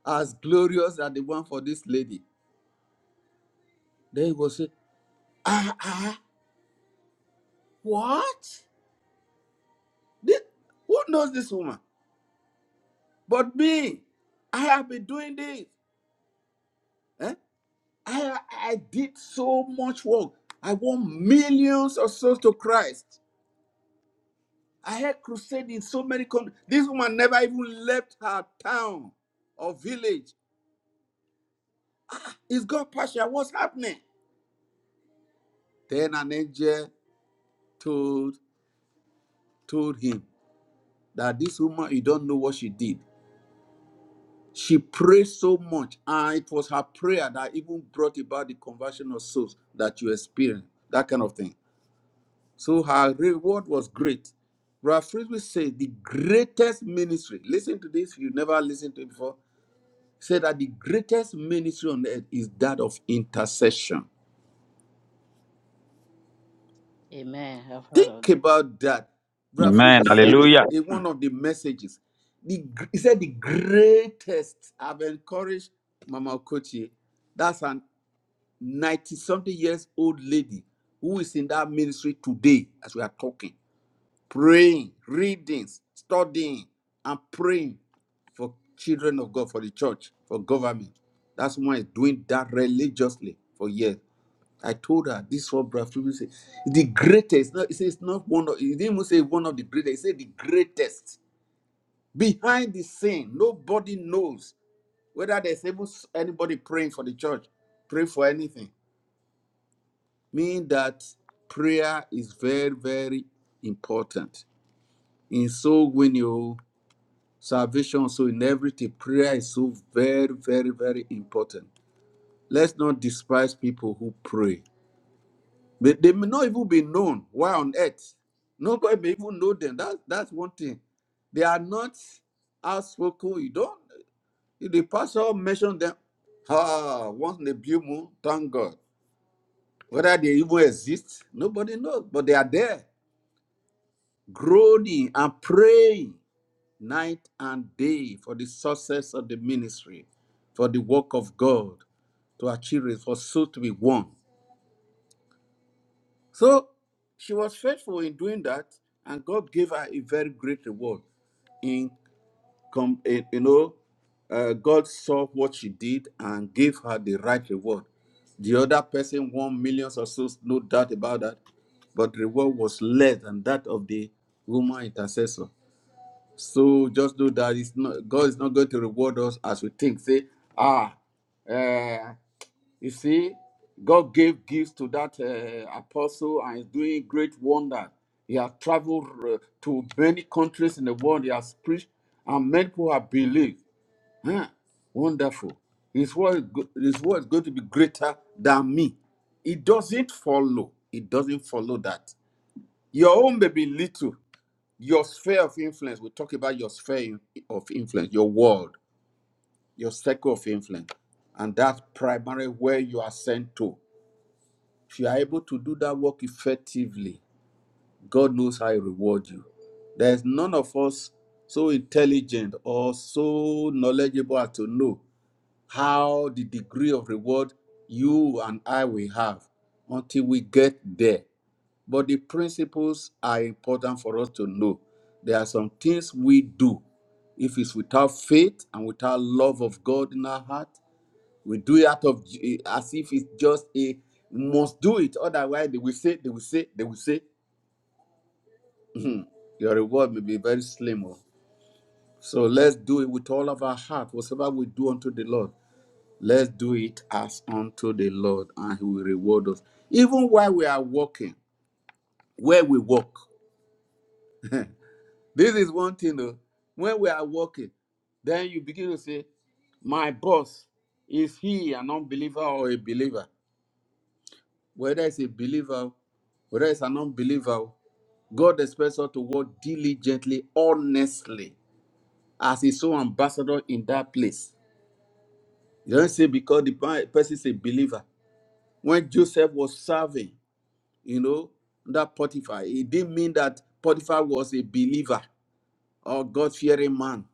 as glorious as the one for this lady. Then he will say, Ah, ah, what? This, who knows this woman? But me, I have been doing this. eh? I, I did so much work. I won millions of souls to Christ. I had crusade in so many countries. This woman never even left her town or village. Is God partial? What's happening? Then an angel told told him that this woman, you don't know what she did. She prayed so much, and it was her prayer that even brought about the conversion of souls that you experienced. That kind of thing. So her reward was great. Ralph Frisbee said the greatest ministry, listen to this, you never listened to it before, said that the greatest ministry on earth is that of intercession. Amen. I've heard of Think that. about that. Ralph Amen. Frisbee said it Hallelujah. in one of the messages. The, gr- he said the greatest, I've encouraged Mama Okochie, that's an 90 something years old lady who is in that ministry today as we are talking praying, reading, studying, and praying for children of God, for the church, for government. That's why he's doing that religiously for years. I told her this one, Brother Fumi said, the greatest. No, he says it's not one of he didn't even say one of the greatest, he said the greatest. Behind the scene, nobody knows whether there's even anybody praying for the church, pray for anything. Mean that prayer is very, very important. In so when you salvation so in everything prayer is so very very very important let's not despise people who pray they, they may not even be known why on earth nobody may even know them that, that's one thing they are not outspoken you don't the pastor mentioned them ah once in a blue moon thank god whether they even exist nobody knows but they are there groaning and praying night and day for the success of the ministry, for the work of God, to achieve it, for soul to be won. So she was faithful in doing that, and God gave her a very great reward. In, com- in you know, uh, God saw what she did and gave her the right reward. The other person won millions or so, no doubt about that, but the reward was less than that of the woman intercessor. So just know that it's not God is not going to reward us as we think. Say, ah, uh, you see, God gave gifts to that uh, apostle and is doing great wonder. He has traveled uh, to many countries in the world. He has preached, and many people have believed. Huh? Wonderful. His word, is go- his word is going to be greater than me. It doesn't follow. It doesn't follow that. Your own may be little. Your sphere of influence, we talk about your sphere of influence, your world, your circle of influence, and that primary where you are sent to. If you are able to do that work effectively, God knows how He reward you. There's none of us so intelligent or so knowledgeable as to know how the degree of reward you and I will have until we get there. But the principles are important for us to know. There are some things we do. If it's without faith and without love of God in our heart, we do it out of as if it's just a must do it. Otherwise, they will say, they will say, they will say, "Hmm, your reward may be very slim. oh." So let's do it with all of our heart, whatever we do unto the Lord. Let's do it as unto the Lord, and He will reward us. Even while we are walking, where we walk. This is one thing though. When we are walking, then you begin to say, My boss, is he an unbeliever or a believer? Whether it's a believer, whether it's an unbeliever, God expects us to work diligently, honestly, as his own ambassador in that place. You don't say because the person is a believer. When Joseph was serving, you know, that Potiphar. It didn't mean that Potiphar was a believer or God fearing man.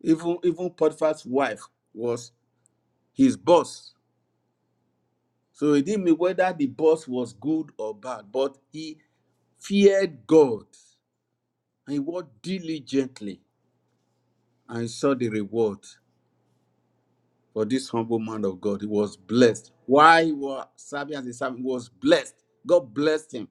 Even even Potiphar's wife was his boss. So it didn't mean whether the boss was good or bad, but he feared God and he worked diligently and he saw the reward for this humble man of God. He was blessed. Why he was serving as a servant, he was blessed. God blessed him.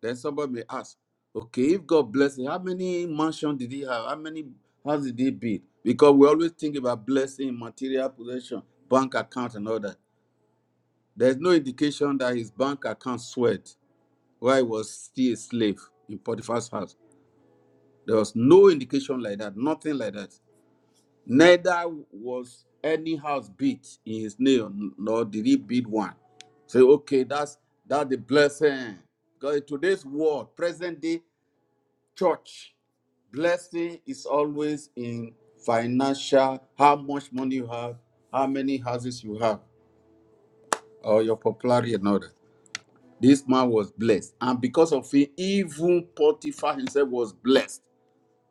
Then somebody may ask, okay, if God blessed him, how many mansion did he have? How many house did he build? Because we always think about blessing, material possession, bank account, and all that. There's no indication that his bank account sweat while he was still a slave in Potiphar's house. There was no indication like that, nothing like that. Neither was any house built in his name, nor did he build one. Say, okay, that's that's the blessing. Because in today's world, present day, church, blessing is always in financial, how much money you have, how many houses you have, or your popularity and all that. This man was blessed. And because of him, even Potiphar himself was blessed.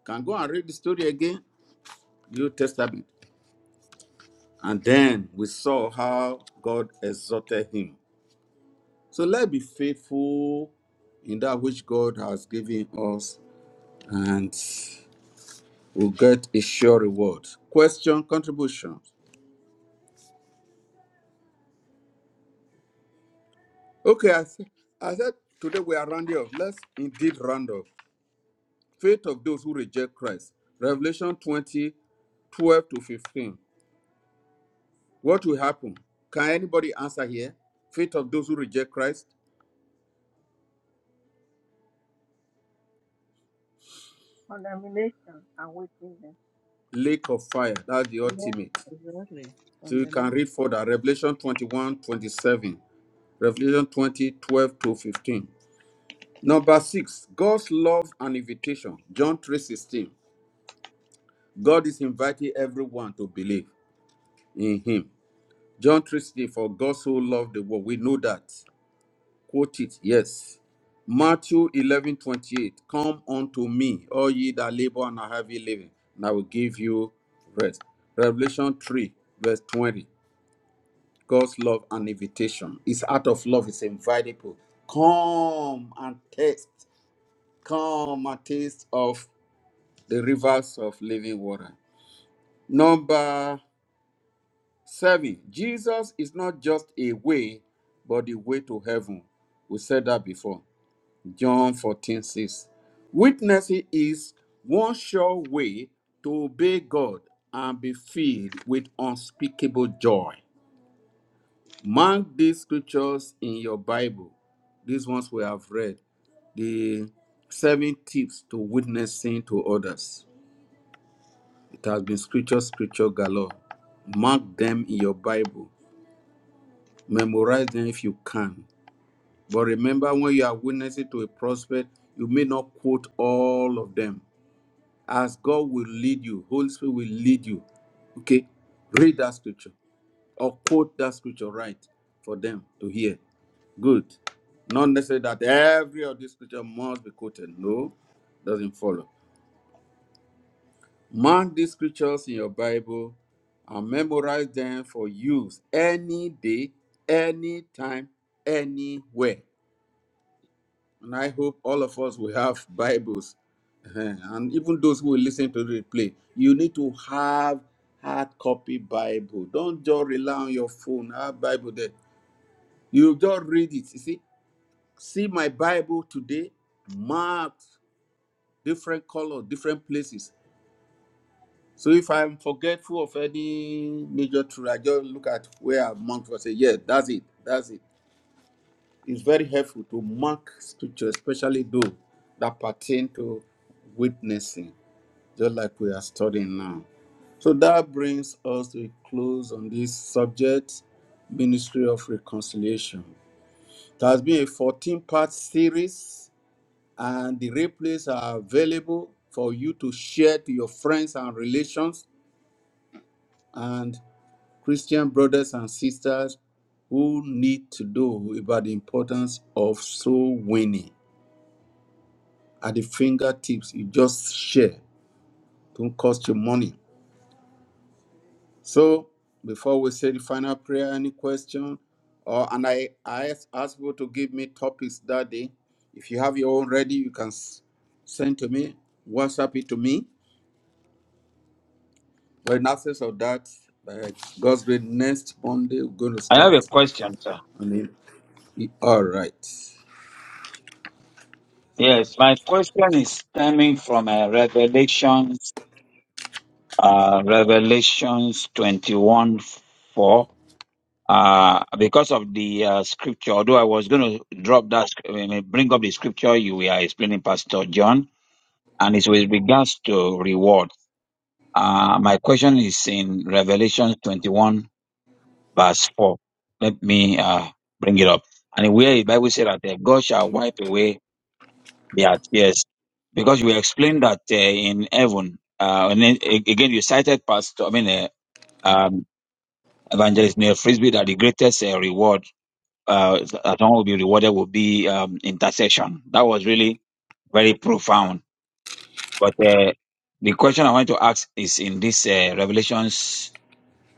Can go and read the story again, New Testament. And then we saw how God exalted him. So let's be faithful in that which God has given us, and we'll get a sure reward. Question, contribution. Okay, I said, I said today we are rounding up. Let's indeed round up. Faith of those who reject Christ. Revelation 20 12 to 15. What will happen? Can anybody answer here? Faith of those who reject Christ, Condemnation and wickedness. lake of fire. That's the Yeah, ultimate. exactly. So you can Condemnation. read further. Revelation 21 27. Revelation 20 12 to 15. Number six, God's love and invitation. John 3 16. God is inviting everyone to believe in him. John 3:16, for God so loved the world. We know that. Quote it, yes. Matthew 11:28 come unto me, all ye that labor and are heavy laden, and I will give you rest. Revelation 3, verse 20, God's love and invitation. It's out of love, it's invitable. Come and taste, come and taste of the rivers of living water. Number Seven, Jesus is not just a way, but the way to heaven. We said that before. John 14:6. Witnessing is one sure way to obey God and be filled with unspeakable joy. Mark these scriptures in your Bible. These ones we have read. The seven tips to witnessing to others. It has been scripture, scripture galore. Mark them in your Bible Memorize them if you can. But remember, when you are witnessing to a prospect, you may not quote all of them. As God will lead you, Holy Spirit will lead you. Okay? Read that scripture or quote that scripture right for them to hear. Good. Not necessarily that every of these scripture must be quoted. No, doesn't follow. Mark these scriptures in your Bible and memorize them for use any day, any time, anywhere. And I hope all of us will have Bibles. Eh, And even those who will listen to the replay, you need to have hard copy Bible. Don't just rely on your phone. Have Bible there. You just read it. You see, see my Bible today, marked different color, different places. So if I'm forgetful of any major truth, I just look at where I'm marked for say, yeah, that's it. That's it. It's very helpful to mark scripture, especially those that pertain to witnessing, just like we are studying now. So that brings us to a close on this subject, Ministry of Reconciliation. It has been a 14 part series, and the replays are available for you to share to your friends and relations and Christian brothers and sisters who need to know about the importance of soul winning. at the fingertips. You just share. Don't cost you money. So before we say the final prayer, any question? Or and I, I ask ask you to give me topics that day. If you have your own ready, you can s- send to me, WhatsApp it to me. But in absence of that, by God's grace, next Monday we're going to I have start. a question, sir. I on it. all right. Yes, my question is stemming from uh, Revelations, uh, Revelations 21 4. Uh, because of the uh, scripture, although I was going to drop that, sc- I mean, bring up the scripture you were explaining, Pastor John, and it's with regards to reward. Uh, my question is in Revelation 21, verse 4. Let me uh, bring it up. And where the Bible said that uh, God shall wipe away Yeah, yes. Because you explained that uh, in heaven, uh, and then, a- again, you cited Pastor, I mean, uh, um, Evangelist Neil Frisbee, that the greatest uh, reward uh, that one will be rewarded will be um, intercession. That was really very profound. But uh, the question I want to ask is in this uh, Revelations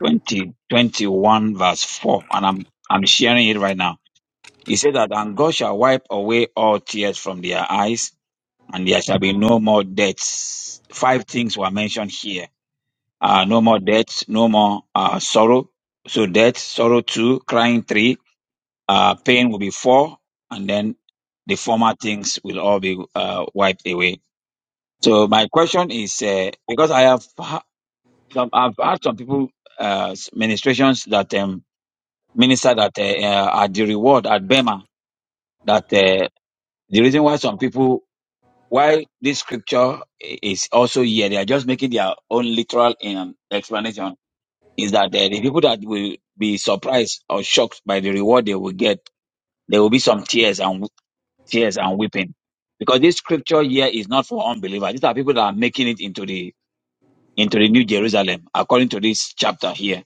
20 21 verse 4, and I'm, I'm sharing it right now. He said that, and God shall wipe away all tears from their eyes and there shall be no more deaths. Five things were mentioned here. Uh, no more deaths, no more uh, sorrow. So death, sorrow two, crying three, uh, pain will be four, and then the former things will all be uh, wiped away. So my question is, uh, because I have ha- some, I've had some people uh, ministrations that um, minister that uh, uh, are the reward at Bema that uh, the reason why some people Why this scripture i- is also here, they are just making their own literal um, explanation. Is that uh, the people that will be surprised or shocked by the reward they will get, there will be some tears and w- tears and weeping, because this scripture here is not for unbelievers. These are people that are making it into the into the New Jerusalem, according to this chapter here.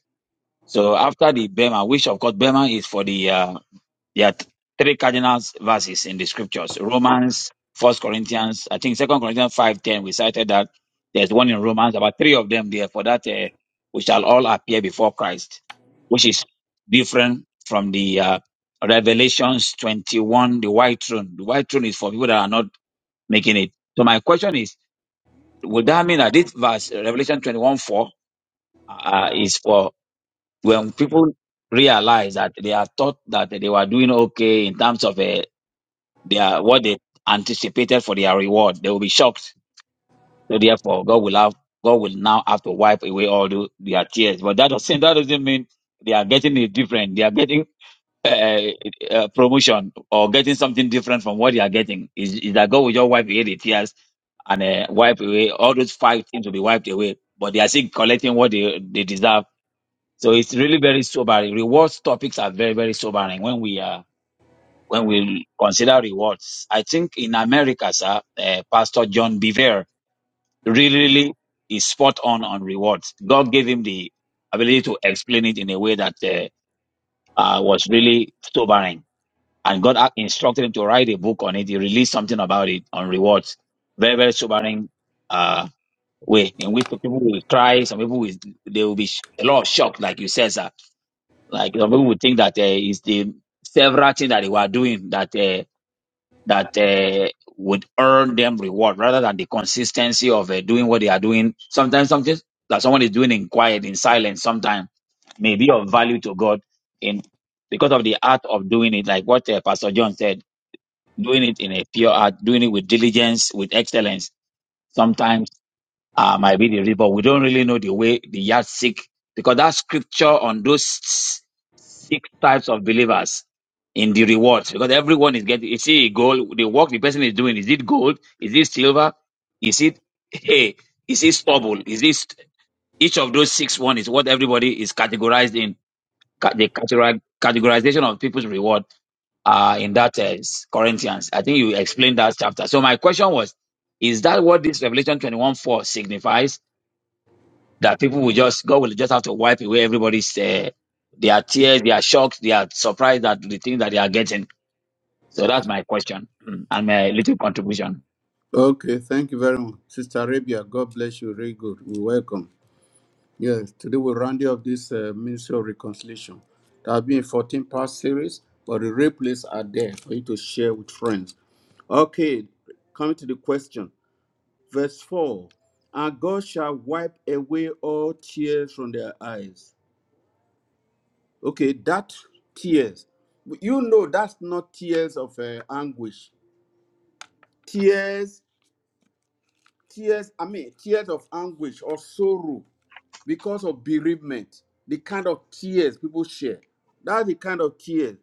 So after the Bema, which of course Bema is for the uh, there are th- three cardinal verses in the scriptures. Romans, First Corinthians, I think Second Corinthians five ten. We cited that there's one in Romans, about three of them there for that uh, we shall all appear before Christ, which is different from the uh, Revelations 21, the white throne. The white throne is for people that are not making it. So my question is, would that mean that this verse, uh, Revelation 21 4, uh, is for when people realize that they are thought that they were doing okay in terms of uh, their what they anticipated for their reward. They will be shocked. So therefore, God will have God will now have to wipe away all the, their tears. But that doesn't that doesn't mean they are getting it different. They are getting uh, uh, promotion or getting something different from what they are getting. Is is that God will just wipe away the tears and uh, wipe away all those five things will be wiped away. But they are still collecting what they they deserve. So it's really very sobering. Rewards topics are very very sobering when we are when we consider rewards. I think in America, sir, uh, Pastor John Bevere really, really is spot on on rewards. God gave him the ability to explain it in a way that uh, uh, was really sobering. And God ac- instructed him to write a book on it. He released something about it on rewards. Very, very sobering uh, way in which people will cry. Some people will, they will be sh- a lot of shock, like you said, sir. Like some people will think that uh, it's the several things that they were doing that. uh, that uh, would earn them reward rather than the consistency of uh, doing what they are doing. Sometimes something that someone is doing in quiet, in silence, sometimes may be of value to God in because of the art of doing it, like what uh, Pastor John said, doing it in a pure art, doing it with diligence, with excellence. Sometimes uh, might be the river. We don't really know the way the yardstick because that scripture on those s- six types of believers in the rewards because everyone is getting. Is it gold? The work the person is doing is it gold? Is it silver? Is it hey? Is it stubble? Is this each of those six one is what everybody is categorized in ca- the categori- categorization of people's reward uh, in that uh, Corinthians. I think you explained that chapter. So my question was, is that what this Revelation twenty one four signifies? that people will just God will just have to wipe away everybody's uh, their tears, their shocks, their surprise at the thing that they are getting. So that's my question mm, and my little contribution. Okay, thank you very much, Sister Arabia. God bless you. Very good. We welcome. Yes, today we round you up this uh, Ministry of Reconciliation. There have been a 14 part series, but the replays are there for you to share with friends. Okay, coming to the question, verse 4 And God shall wipe away all tears from their eyes. Okay, that tears, you know, that's not tears of uh, anguish. Tears, tears, I mean, tears of anguish or sorrow because of bereavement, the kind of tears people share. That's the kind of tears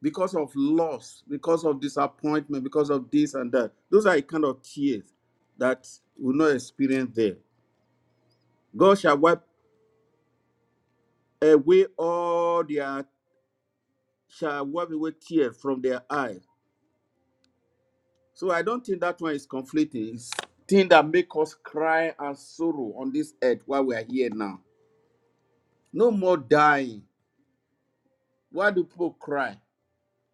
because of loss, because of disappointment, because of this and that. Those are the kind of tears that will not experience there. God shall wipe away all their shall wipe away tears from their eyes. So I don't think that one is conflicting. It's thing that make us cry and sorrow on this earth while we are here now. No more dying. Why do people cry?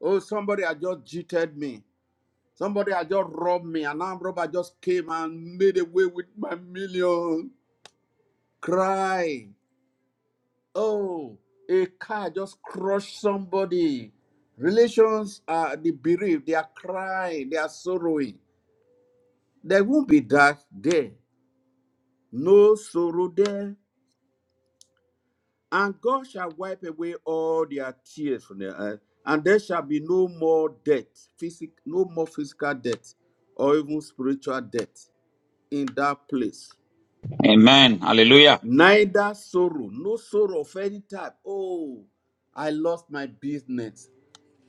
Oh, somebody had just cheated me. Somebody had just robbed me, and now robber just came and made away with my million. Cry. Oh, a car just crushed somebody. Relations are the bereaved, they are crying, they are sorrowing. There won't be that there. No sorrow there. And God shall wipe away all their tears from their eyes. And there shall be no more death, physic, no more physical death, or even spiritual death in that place. Amen. Hallelujah. neither sorrow, no sorrow of any type. Oh, I lost my business,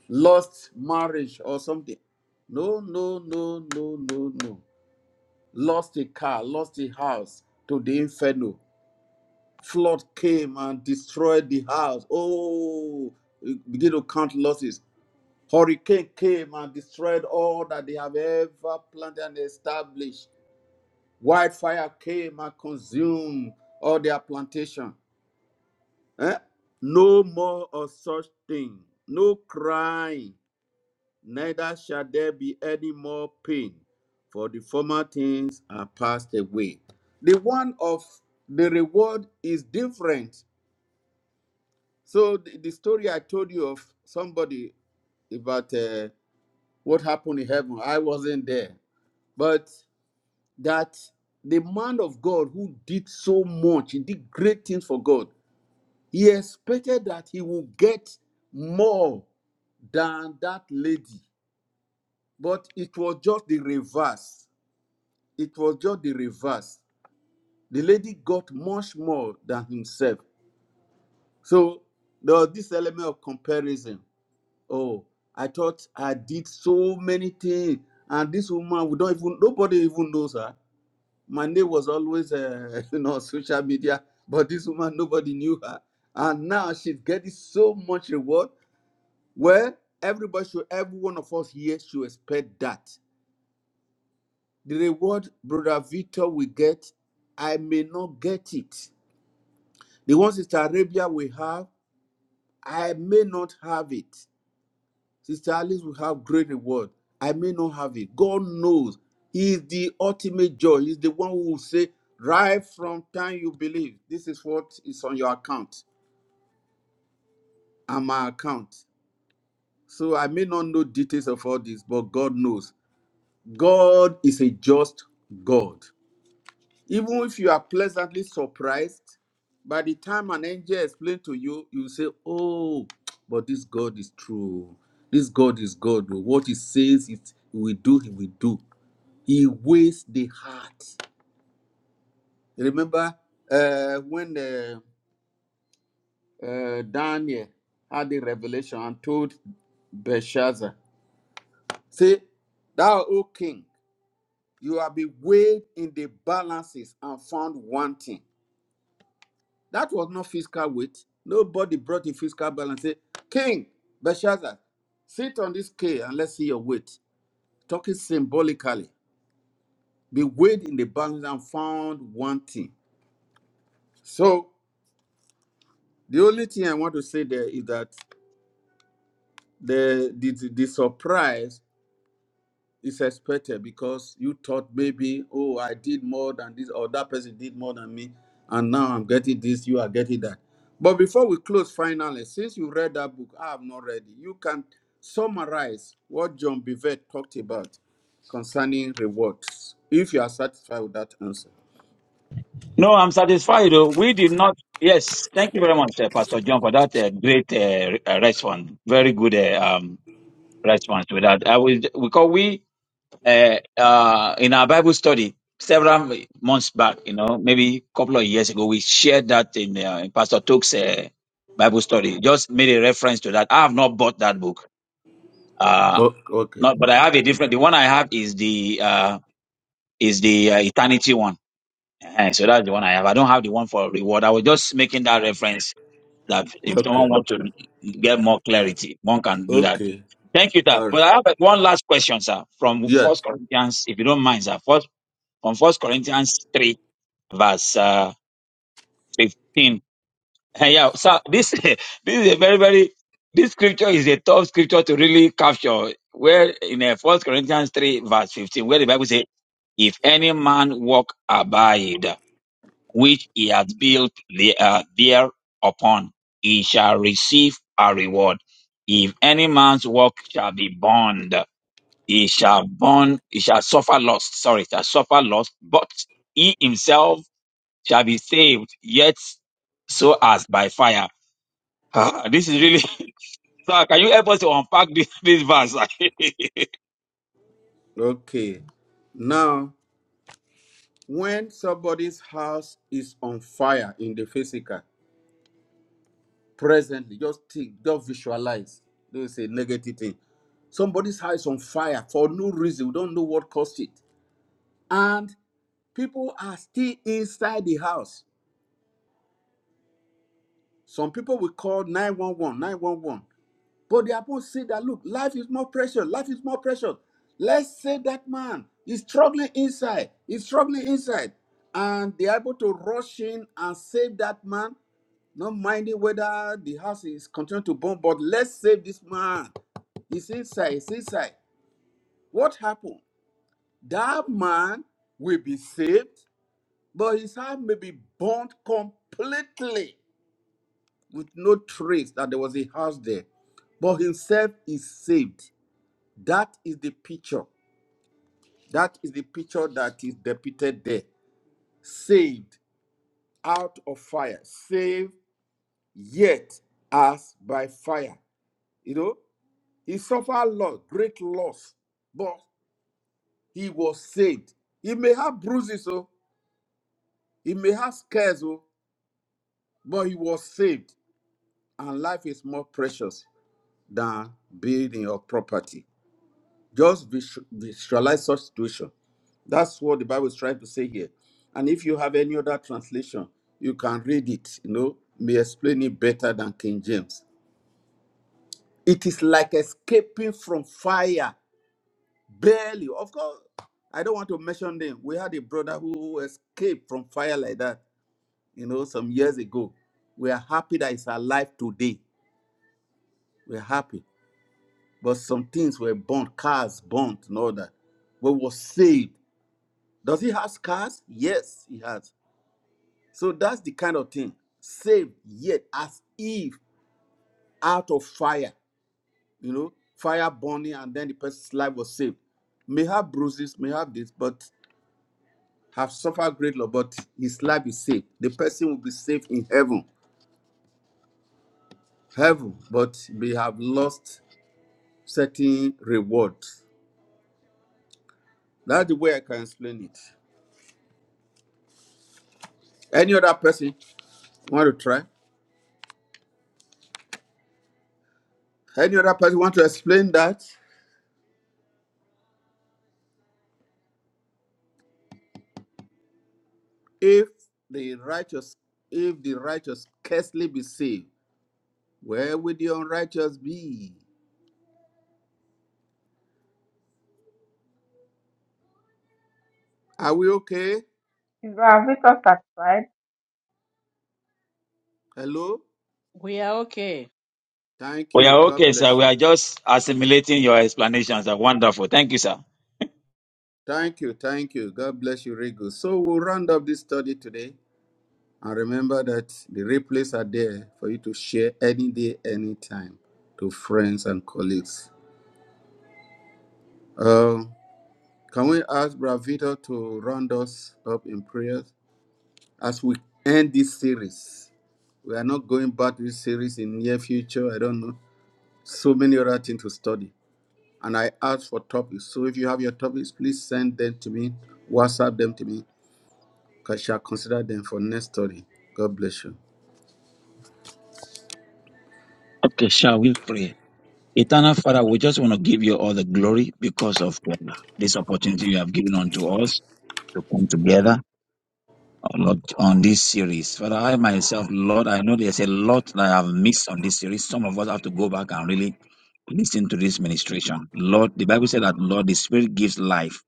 lost marriage or something. No, no, no, no, no, no. Lost a car, lost a house to the inferno. Flood came and destroyed the house. Oh, you begin to count losses. Hurricane came and destroyed all that they have ever planted and established. Wildfire came and consumed all their plantation. Eh? No more of such thing, no crying, neither shall there be any more pain, for the former things are passed away. The one of the reward is different. So the, the story I told you of somebody about uh, what happened in heaven, I wasn't there, but that the man of God who did so much, he did great things for God He expected that he would get more than that lady, but it was just the reverse. It was just the reverse. The lady got much more than himself. So there was this element of comparison. Oh, I thought I did so many things, and this woman, we don't even, nobody even knows her. My name was always, uh, you know, social media, but this woman, nobody knew her. And now she's getting so much reward Well, everybody should, every one of us here should expect that. The reward Brother Victor will get, I may not get it. The one Sister Arabia will have, I may not have it. Sister Alice will have great reward. I may not have it. God knows. He is the ultimate joy. He's the one who will say, right from time you believe, this is what is on your account and my account. So I may not know details of all this, but God knows. God is a just God. Even if you are pleasantly surprised, by the time an angel explains to you, you say, Oh, but this God is true. This God is God. What he says it he will do, he will do. He weighs the heart. Remember uh, when uh, uh, Daniel had the revelation and told Belshazzar, Say, thou, O king, You have be weighed in the balances and found wanting. That was not fiscal weight. Nobody brought a fiscal balance. Say, King Belshazzar, sit on this scale and let's see your weight. Talking symbolically, be weighed in the balance and found wanting. So the only thing I want to say there is that the the, the, the surprise It's expected because you thought maybe, oh, I did more than this, or that person did more than me, and now I'm getting this, you are getting that. But before we close, finally, since you read that book, I have not read it. You can summarize what John Bivet talked about concerning rewards, if you are satisfied with that answer. No, I'm satisfied. oh. We did not. Yes, thank you very much, uh, Pastor John, for that uh, great uh, re- uh, response. Very good uh, um, response to that. I will because we uh, uh, in our Bible study several months back, you know, maybe a couple of years ago, we shared that in, uh, in Pastor Took's uh, Bible study. Just made a reference to that. I have not bought that book, uh, Oh, okay. not, but I have a different. The one I have is the uh, is the uh, eternity one. Eh, so that's the one I have. I don't have the one for reward. I was just making that reference that if Okay. someone wants to get more clarity, one can do that. Okay. Thank you, sir. All right. But I have one last question, sir, from First Yes. Corinthians, if you don't mind, sir. First on First Corinthians 3, verse uh, 15. Eh, yeah, so this this is a very, very this scripture is a tough scripture to really capture. Where in uh, First Corinthians 3, verse 15, where the Bible says, If any man walk abide, which he hath built the, uh, there upon, he shall receive a reward. If any man's work shall be burned, he shall burn, he shall suffer loss. Sorry, shall suffer loss, but he himself shall be saved, yet so as by fire. Ah, this is really sir. Can you help us to unpack this, this verse? Okay. Now, when somebody's house is on fire in the physical, presently. Just think, just visualize. Don't say negative thing. Somebody's house on fire for no reason. We don't know what caused it. And people are still inside the house. Some people will call 911, 911, But they are going to say that, look, life is more precious. Life is more precious. Let's say that man is struggling inside. He's struggling inside. And they are able to rush in and save that man not minding whether the house is continuing to burn, but let's save this man. He says, "Sir, he says, "Sir, what happened? That man will be saved, but his house may be burnt completely with no trace that there was a house there. But himself is saved. That is the picture. That is the picture that is depicted there. Saved out of fire, saved yet as by fire. You know, he suffered loss, great loss, but he was saved. He may have bruises, oh. He may have scares, oh, but he was saved. And life is more precious than building or property. Just visu- visualize such situation. That's what the Bible is trying to say here. And if you have any other translation, you can read it. You know, may explain it better than King James. It is like escaping from fire, barely. Of course, I don't want to mention them. We had a brother who escaped from fire like that you know, some years ago. We are happy that it's alive today. We're happy. But some things were burnt, cars burnt and all that. But was saved. Does he have scars? Yes, he has. So that's the kind of thing. Saved yet as Eve out of fire, you know, fire burning, and then the person's life was saved. May have bruises, may have this, but have suffered great loss, but his life is saved. The person will be saved in heaven, heaven, but they have lost certain reward. That's the way I can explain it. Any other person want to try? Any other person want to explain that? If the righteous, if the righteous scarcely be saved, where will the unrighteous be? Are we okay? Is our victor satisfied? Hello? We are okay. Thank we are you. God okay, sir. bless We are you. just assimilating your explanations. Are wonderful. Thank you, sir. Thank you. Thank you. God bless you, Rigo. So we'll round up this study today. And remember that the replays are there for you to share any day, any time to friends and colleagues. Um, Can we ask Bravito to round us up in prayers as we end this series? We are not going back to this series in near future. I don't know. So many other things to study. And I ask for topics. So if you have your topics, please send them to me. WhatsApp them to me. I shall consider them for next study. God bless you. Okay, shall we pray? Eternal Father, we just want to give you all the glory because of uh, this opportunity you have given unto us to come together, oh Lord, on this series. Father, I myself, Lord, I know there's a lot that I have missed on this series. Some of us have to go back and really Listen to this ministration. Lord, the Bible said that, Lord, the Spirit gives life.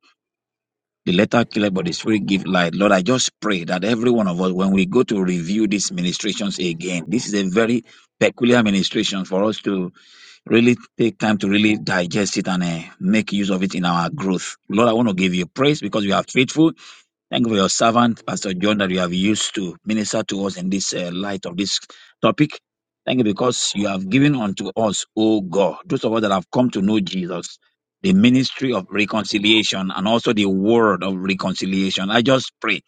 The letter killeth, but the Spirit gives life. Lord, I just pray that every one of us, when we go to review these ministrations again, this is a very peculiar ministration for us to really take time to really digest it and uh, make use of it in our growth. Lord, I want to give you praise because you are faithful. Thank you for your servant, Pastor John, that you have used to minister to us in this uh, light of this topic. Thank you because you have given unto us, O God, those of us that have come to know Jesus, the ministry of reconciliation and also the word of reconciliation. I just pray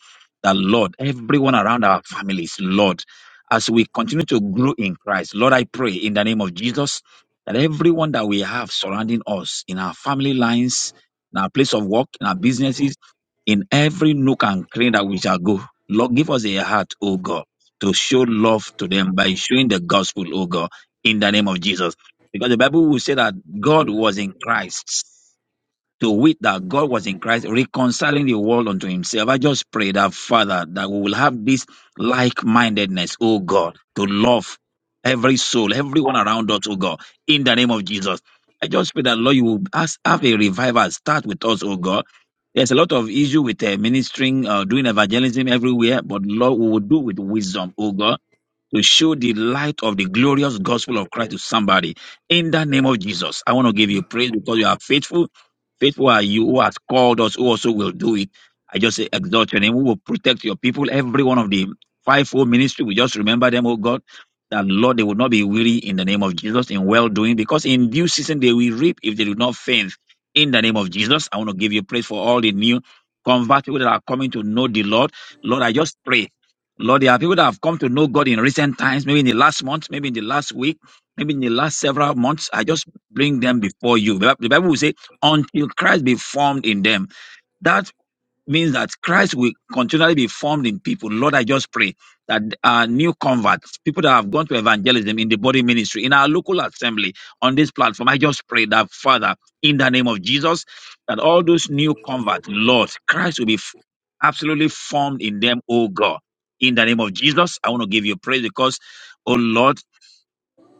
that, Lord, everyone around our families, Lord, as we continue to grow in Christ, Lord, I pray in the name of Jesus that everyone that we have surrounding us in our family lines, in our place of work, in our businesses, in every nook and cranny that we shall go. Lord, give us a heart, O God, to show love to them by showing the gospel, O God, in the name of Jesus. Because the Bible will say that God was in Christ. To wit that God was in Christ, reconciling the world unto himself. I just pray that, Father, that we will have this like mindedness, O God, to love every soul, everyone around us, O God, in the name of Jesus. I just pray that, Lord, you will ask, have a revival start with us, O God there's a lot of issue with uh, ministering, uh, doing evangelism everywhere, but Lord, we will do with wisdom, oh God to show the light of the glorious gospel of Christ to somebody. In the name of Jesus, I want to give you praise because you are faithful. Faithful are you who has called us, who also will do it. I just say, exalt your name. We will protect your people. Every one of the fivefold ministry, we just remember them, oh God, that Lord, they will not be weary in the name of Jesus in well doing because in due season they will reap if they do not faint. In the name of Jesus, I want to give you praise for all the new converts people that are coming to know the Lord. Lord, I just pray Lord, there are people that have come to know God in recent times, maybe in the last month, maybe in the last week, maybe in the last several months. I just bring them before you. The Bible will say, until Christ be formed in them. That means that Christ will continually be formed in people. Lord, I just pray that uh, new converts, people that have gone to evangelism in the body ministry, in our local assembly, on this platform, I just pray that, Father, in the name of Jesus, that all those new converts, Lord, Christ will be f- absolutely formed in them, oh God. In the name of Jesus, I want to give you praise because, oh Lord,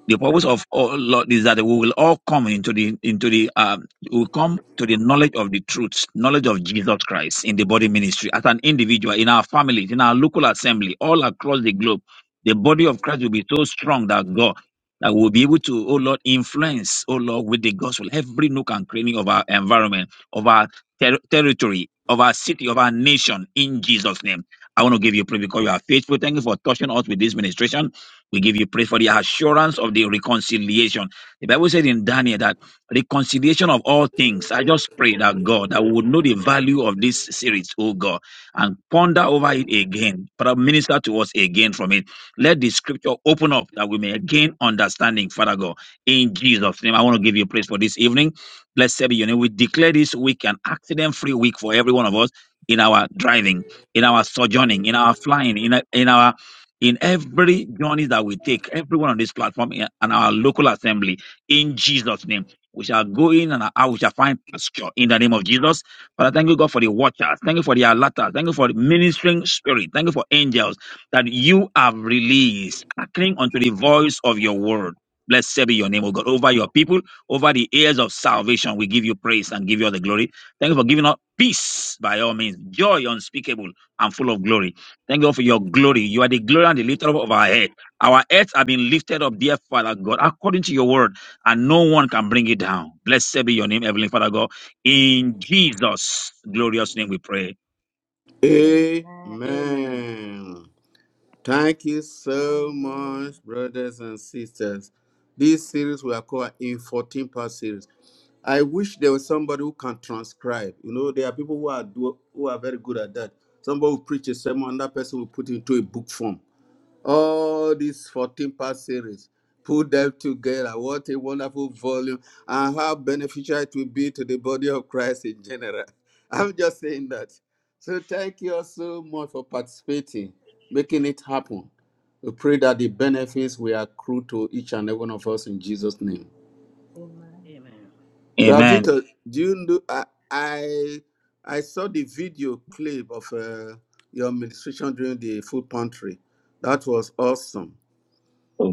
the purpose of all Lord is that we will all come into the into the um we will come to the knowledge of the truth, knowledge of Jesus Christ in the body ministry as an individual, in our families, in our local assembly, all across the globe. The body of Christ will be so strong that God that we'll be able to, oh Lord, influence, oh Lord, with the gospel, every nook and cranny of our environment, of our ter- territory, of our city, of our nation, in Jesus' name. I want to give you praise because you are faithful. Thank you for touching us with this ministration. We give you praise for the assurance of the reconciliation. The Bible said in Daniel that reconciliation of all things. I just pray that God, that we would know the value of this series, oh God, and ponder over it again. But minister to us again from it. Let the scripture open up that we may gain understanding, Father God. In Jesus' name, I want to give you praise for this evening. Blessed be your name. We declare this week an accident free week for every one of us in our driving, in our sojourning, in our flying, in, in our in every journey that we take, everyone on this platform and our local assembly, in Jesus' name. We shall go in and out, we shall find pasture in the name of Jesus. Father, thank you, God, for the watchers. Thank you for the alerters. Thank you for the ministering spirit. Thank you for angels that you have released, hearkening unto the voice of your word. Blessed be your name, O God, over your people, over the ears of salvation. We give you praise and give you all the glory. Thank you for giving us peace by all means, joy unspeakable and full of glory. Thank God for your glory. You are the glory and the lifter up of our head. Our heads have been lifted up, dear Father God, according to your word, and no one can bring it down. Blessed be your name, Heavenly Father God. In Jesus' glorious name we pray. Mm. Amen. Amen. Amen. Thank you so Hallelujah. much, brothers and sisters. This series we are called in 14 part series. I wish there was somebody who can transcribe. You know, there are people who are do, who are very good at that. Somebody will preach a sermon, and that person will put it into a book form all these 14 part series put them together what a wonderful volume and how beneficial it will be to the body of christ in general i'm just saying that so thank you all so much for participating making it happen we pray that the benefits will accrue to each and every one of us in jesus name Amen. Amen. Amen. ravito do you know i i, I saw the video clip of uh, your administration during the food pantry that was awesome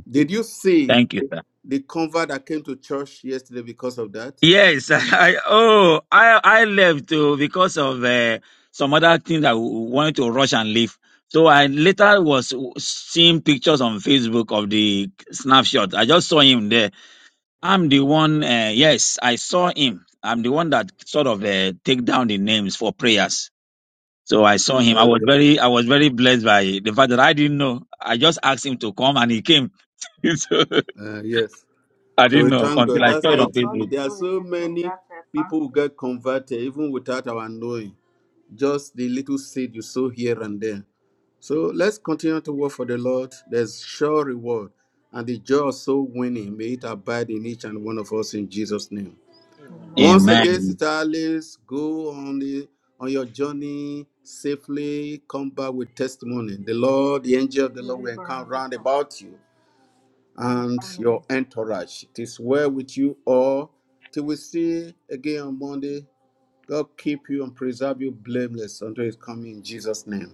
did you see Thank you, sir. the convert that came to church yesterday because of that? Yes, I oh I I left too because of uh, some other thing that we wanted to rush and leave. So I later was seeing pictures on Facebook of the snapshot. I just saw him there. I'm the one. Uh, yes, I saw him. I'm the one that sort of uh, take down the names for prayers. So I saw him. I was Okay. very, I was very blessed by the fact that I didn't know. I just asked him to come, and he came. so Uh, yes. I So didn't we Thank know thank God. until God. I Thank That's saw how it God. on it God is. Facebook. is There are doing a so new thing. many That's a people who fasting. get converted even without our knowing. Just the little seed you sow here and there. So let's continue to work for the Lord. There's sure reward. And the joy of soul winning, may it abide in each and one of us in Jesus' name. Amen. Once Amen. again, Amen. Sister Alice, go on the on your journey safely. Come back with testimony. The Lord, the angel of the Good Lord, will evening, encamp round Victor, about you and the and family. your entourage. It is well with you all. Till we see again on Monday. God keep you and preserve you blameless until His coming in Jesus' name.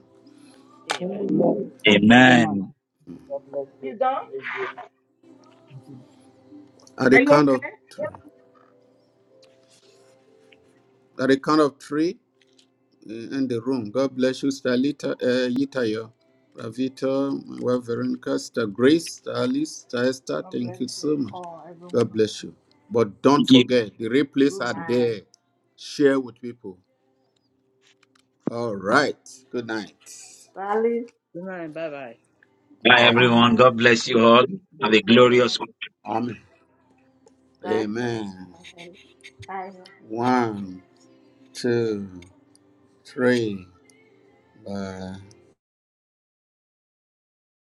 Amen. Amen. Thank you so much. Amen. God bless You you. done? At Are the you count of okay? three. At the count of three. uh, in the room. God bless you, Stalita, uh, Yitayo, Ravito, my wife Veronica, Sister Grace, Sister Alice, Sister Esther. God bless Thank you you so much. all, every one God of bless you. you. But don't Thank you. forget, the replays Good are night. there. Share with people. All right. Good night. Sally, Good night. Bye bye. Bye Bye, bye. Thank you. everyone. bye. God bless you all. Have Good a journey. glorious Amen. Bye. Amen. Bye. Bye. Bye. One, two, three. Bye.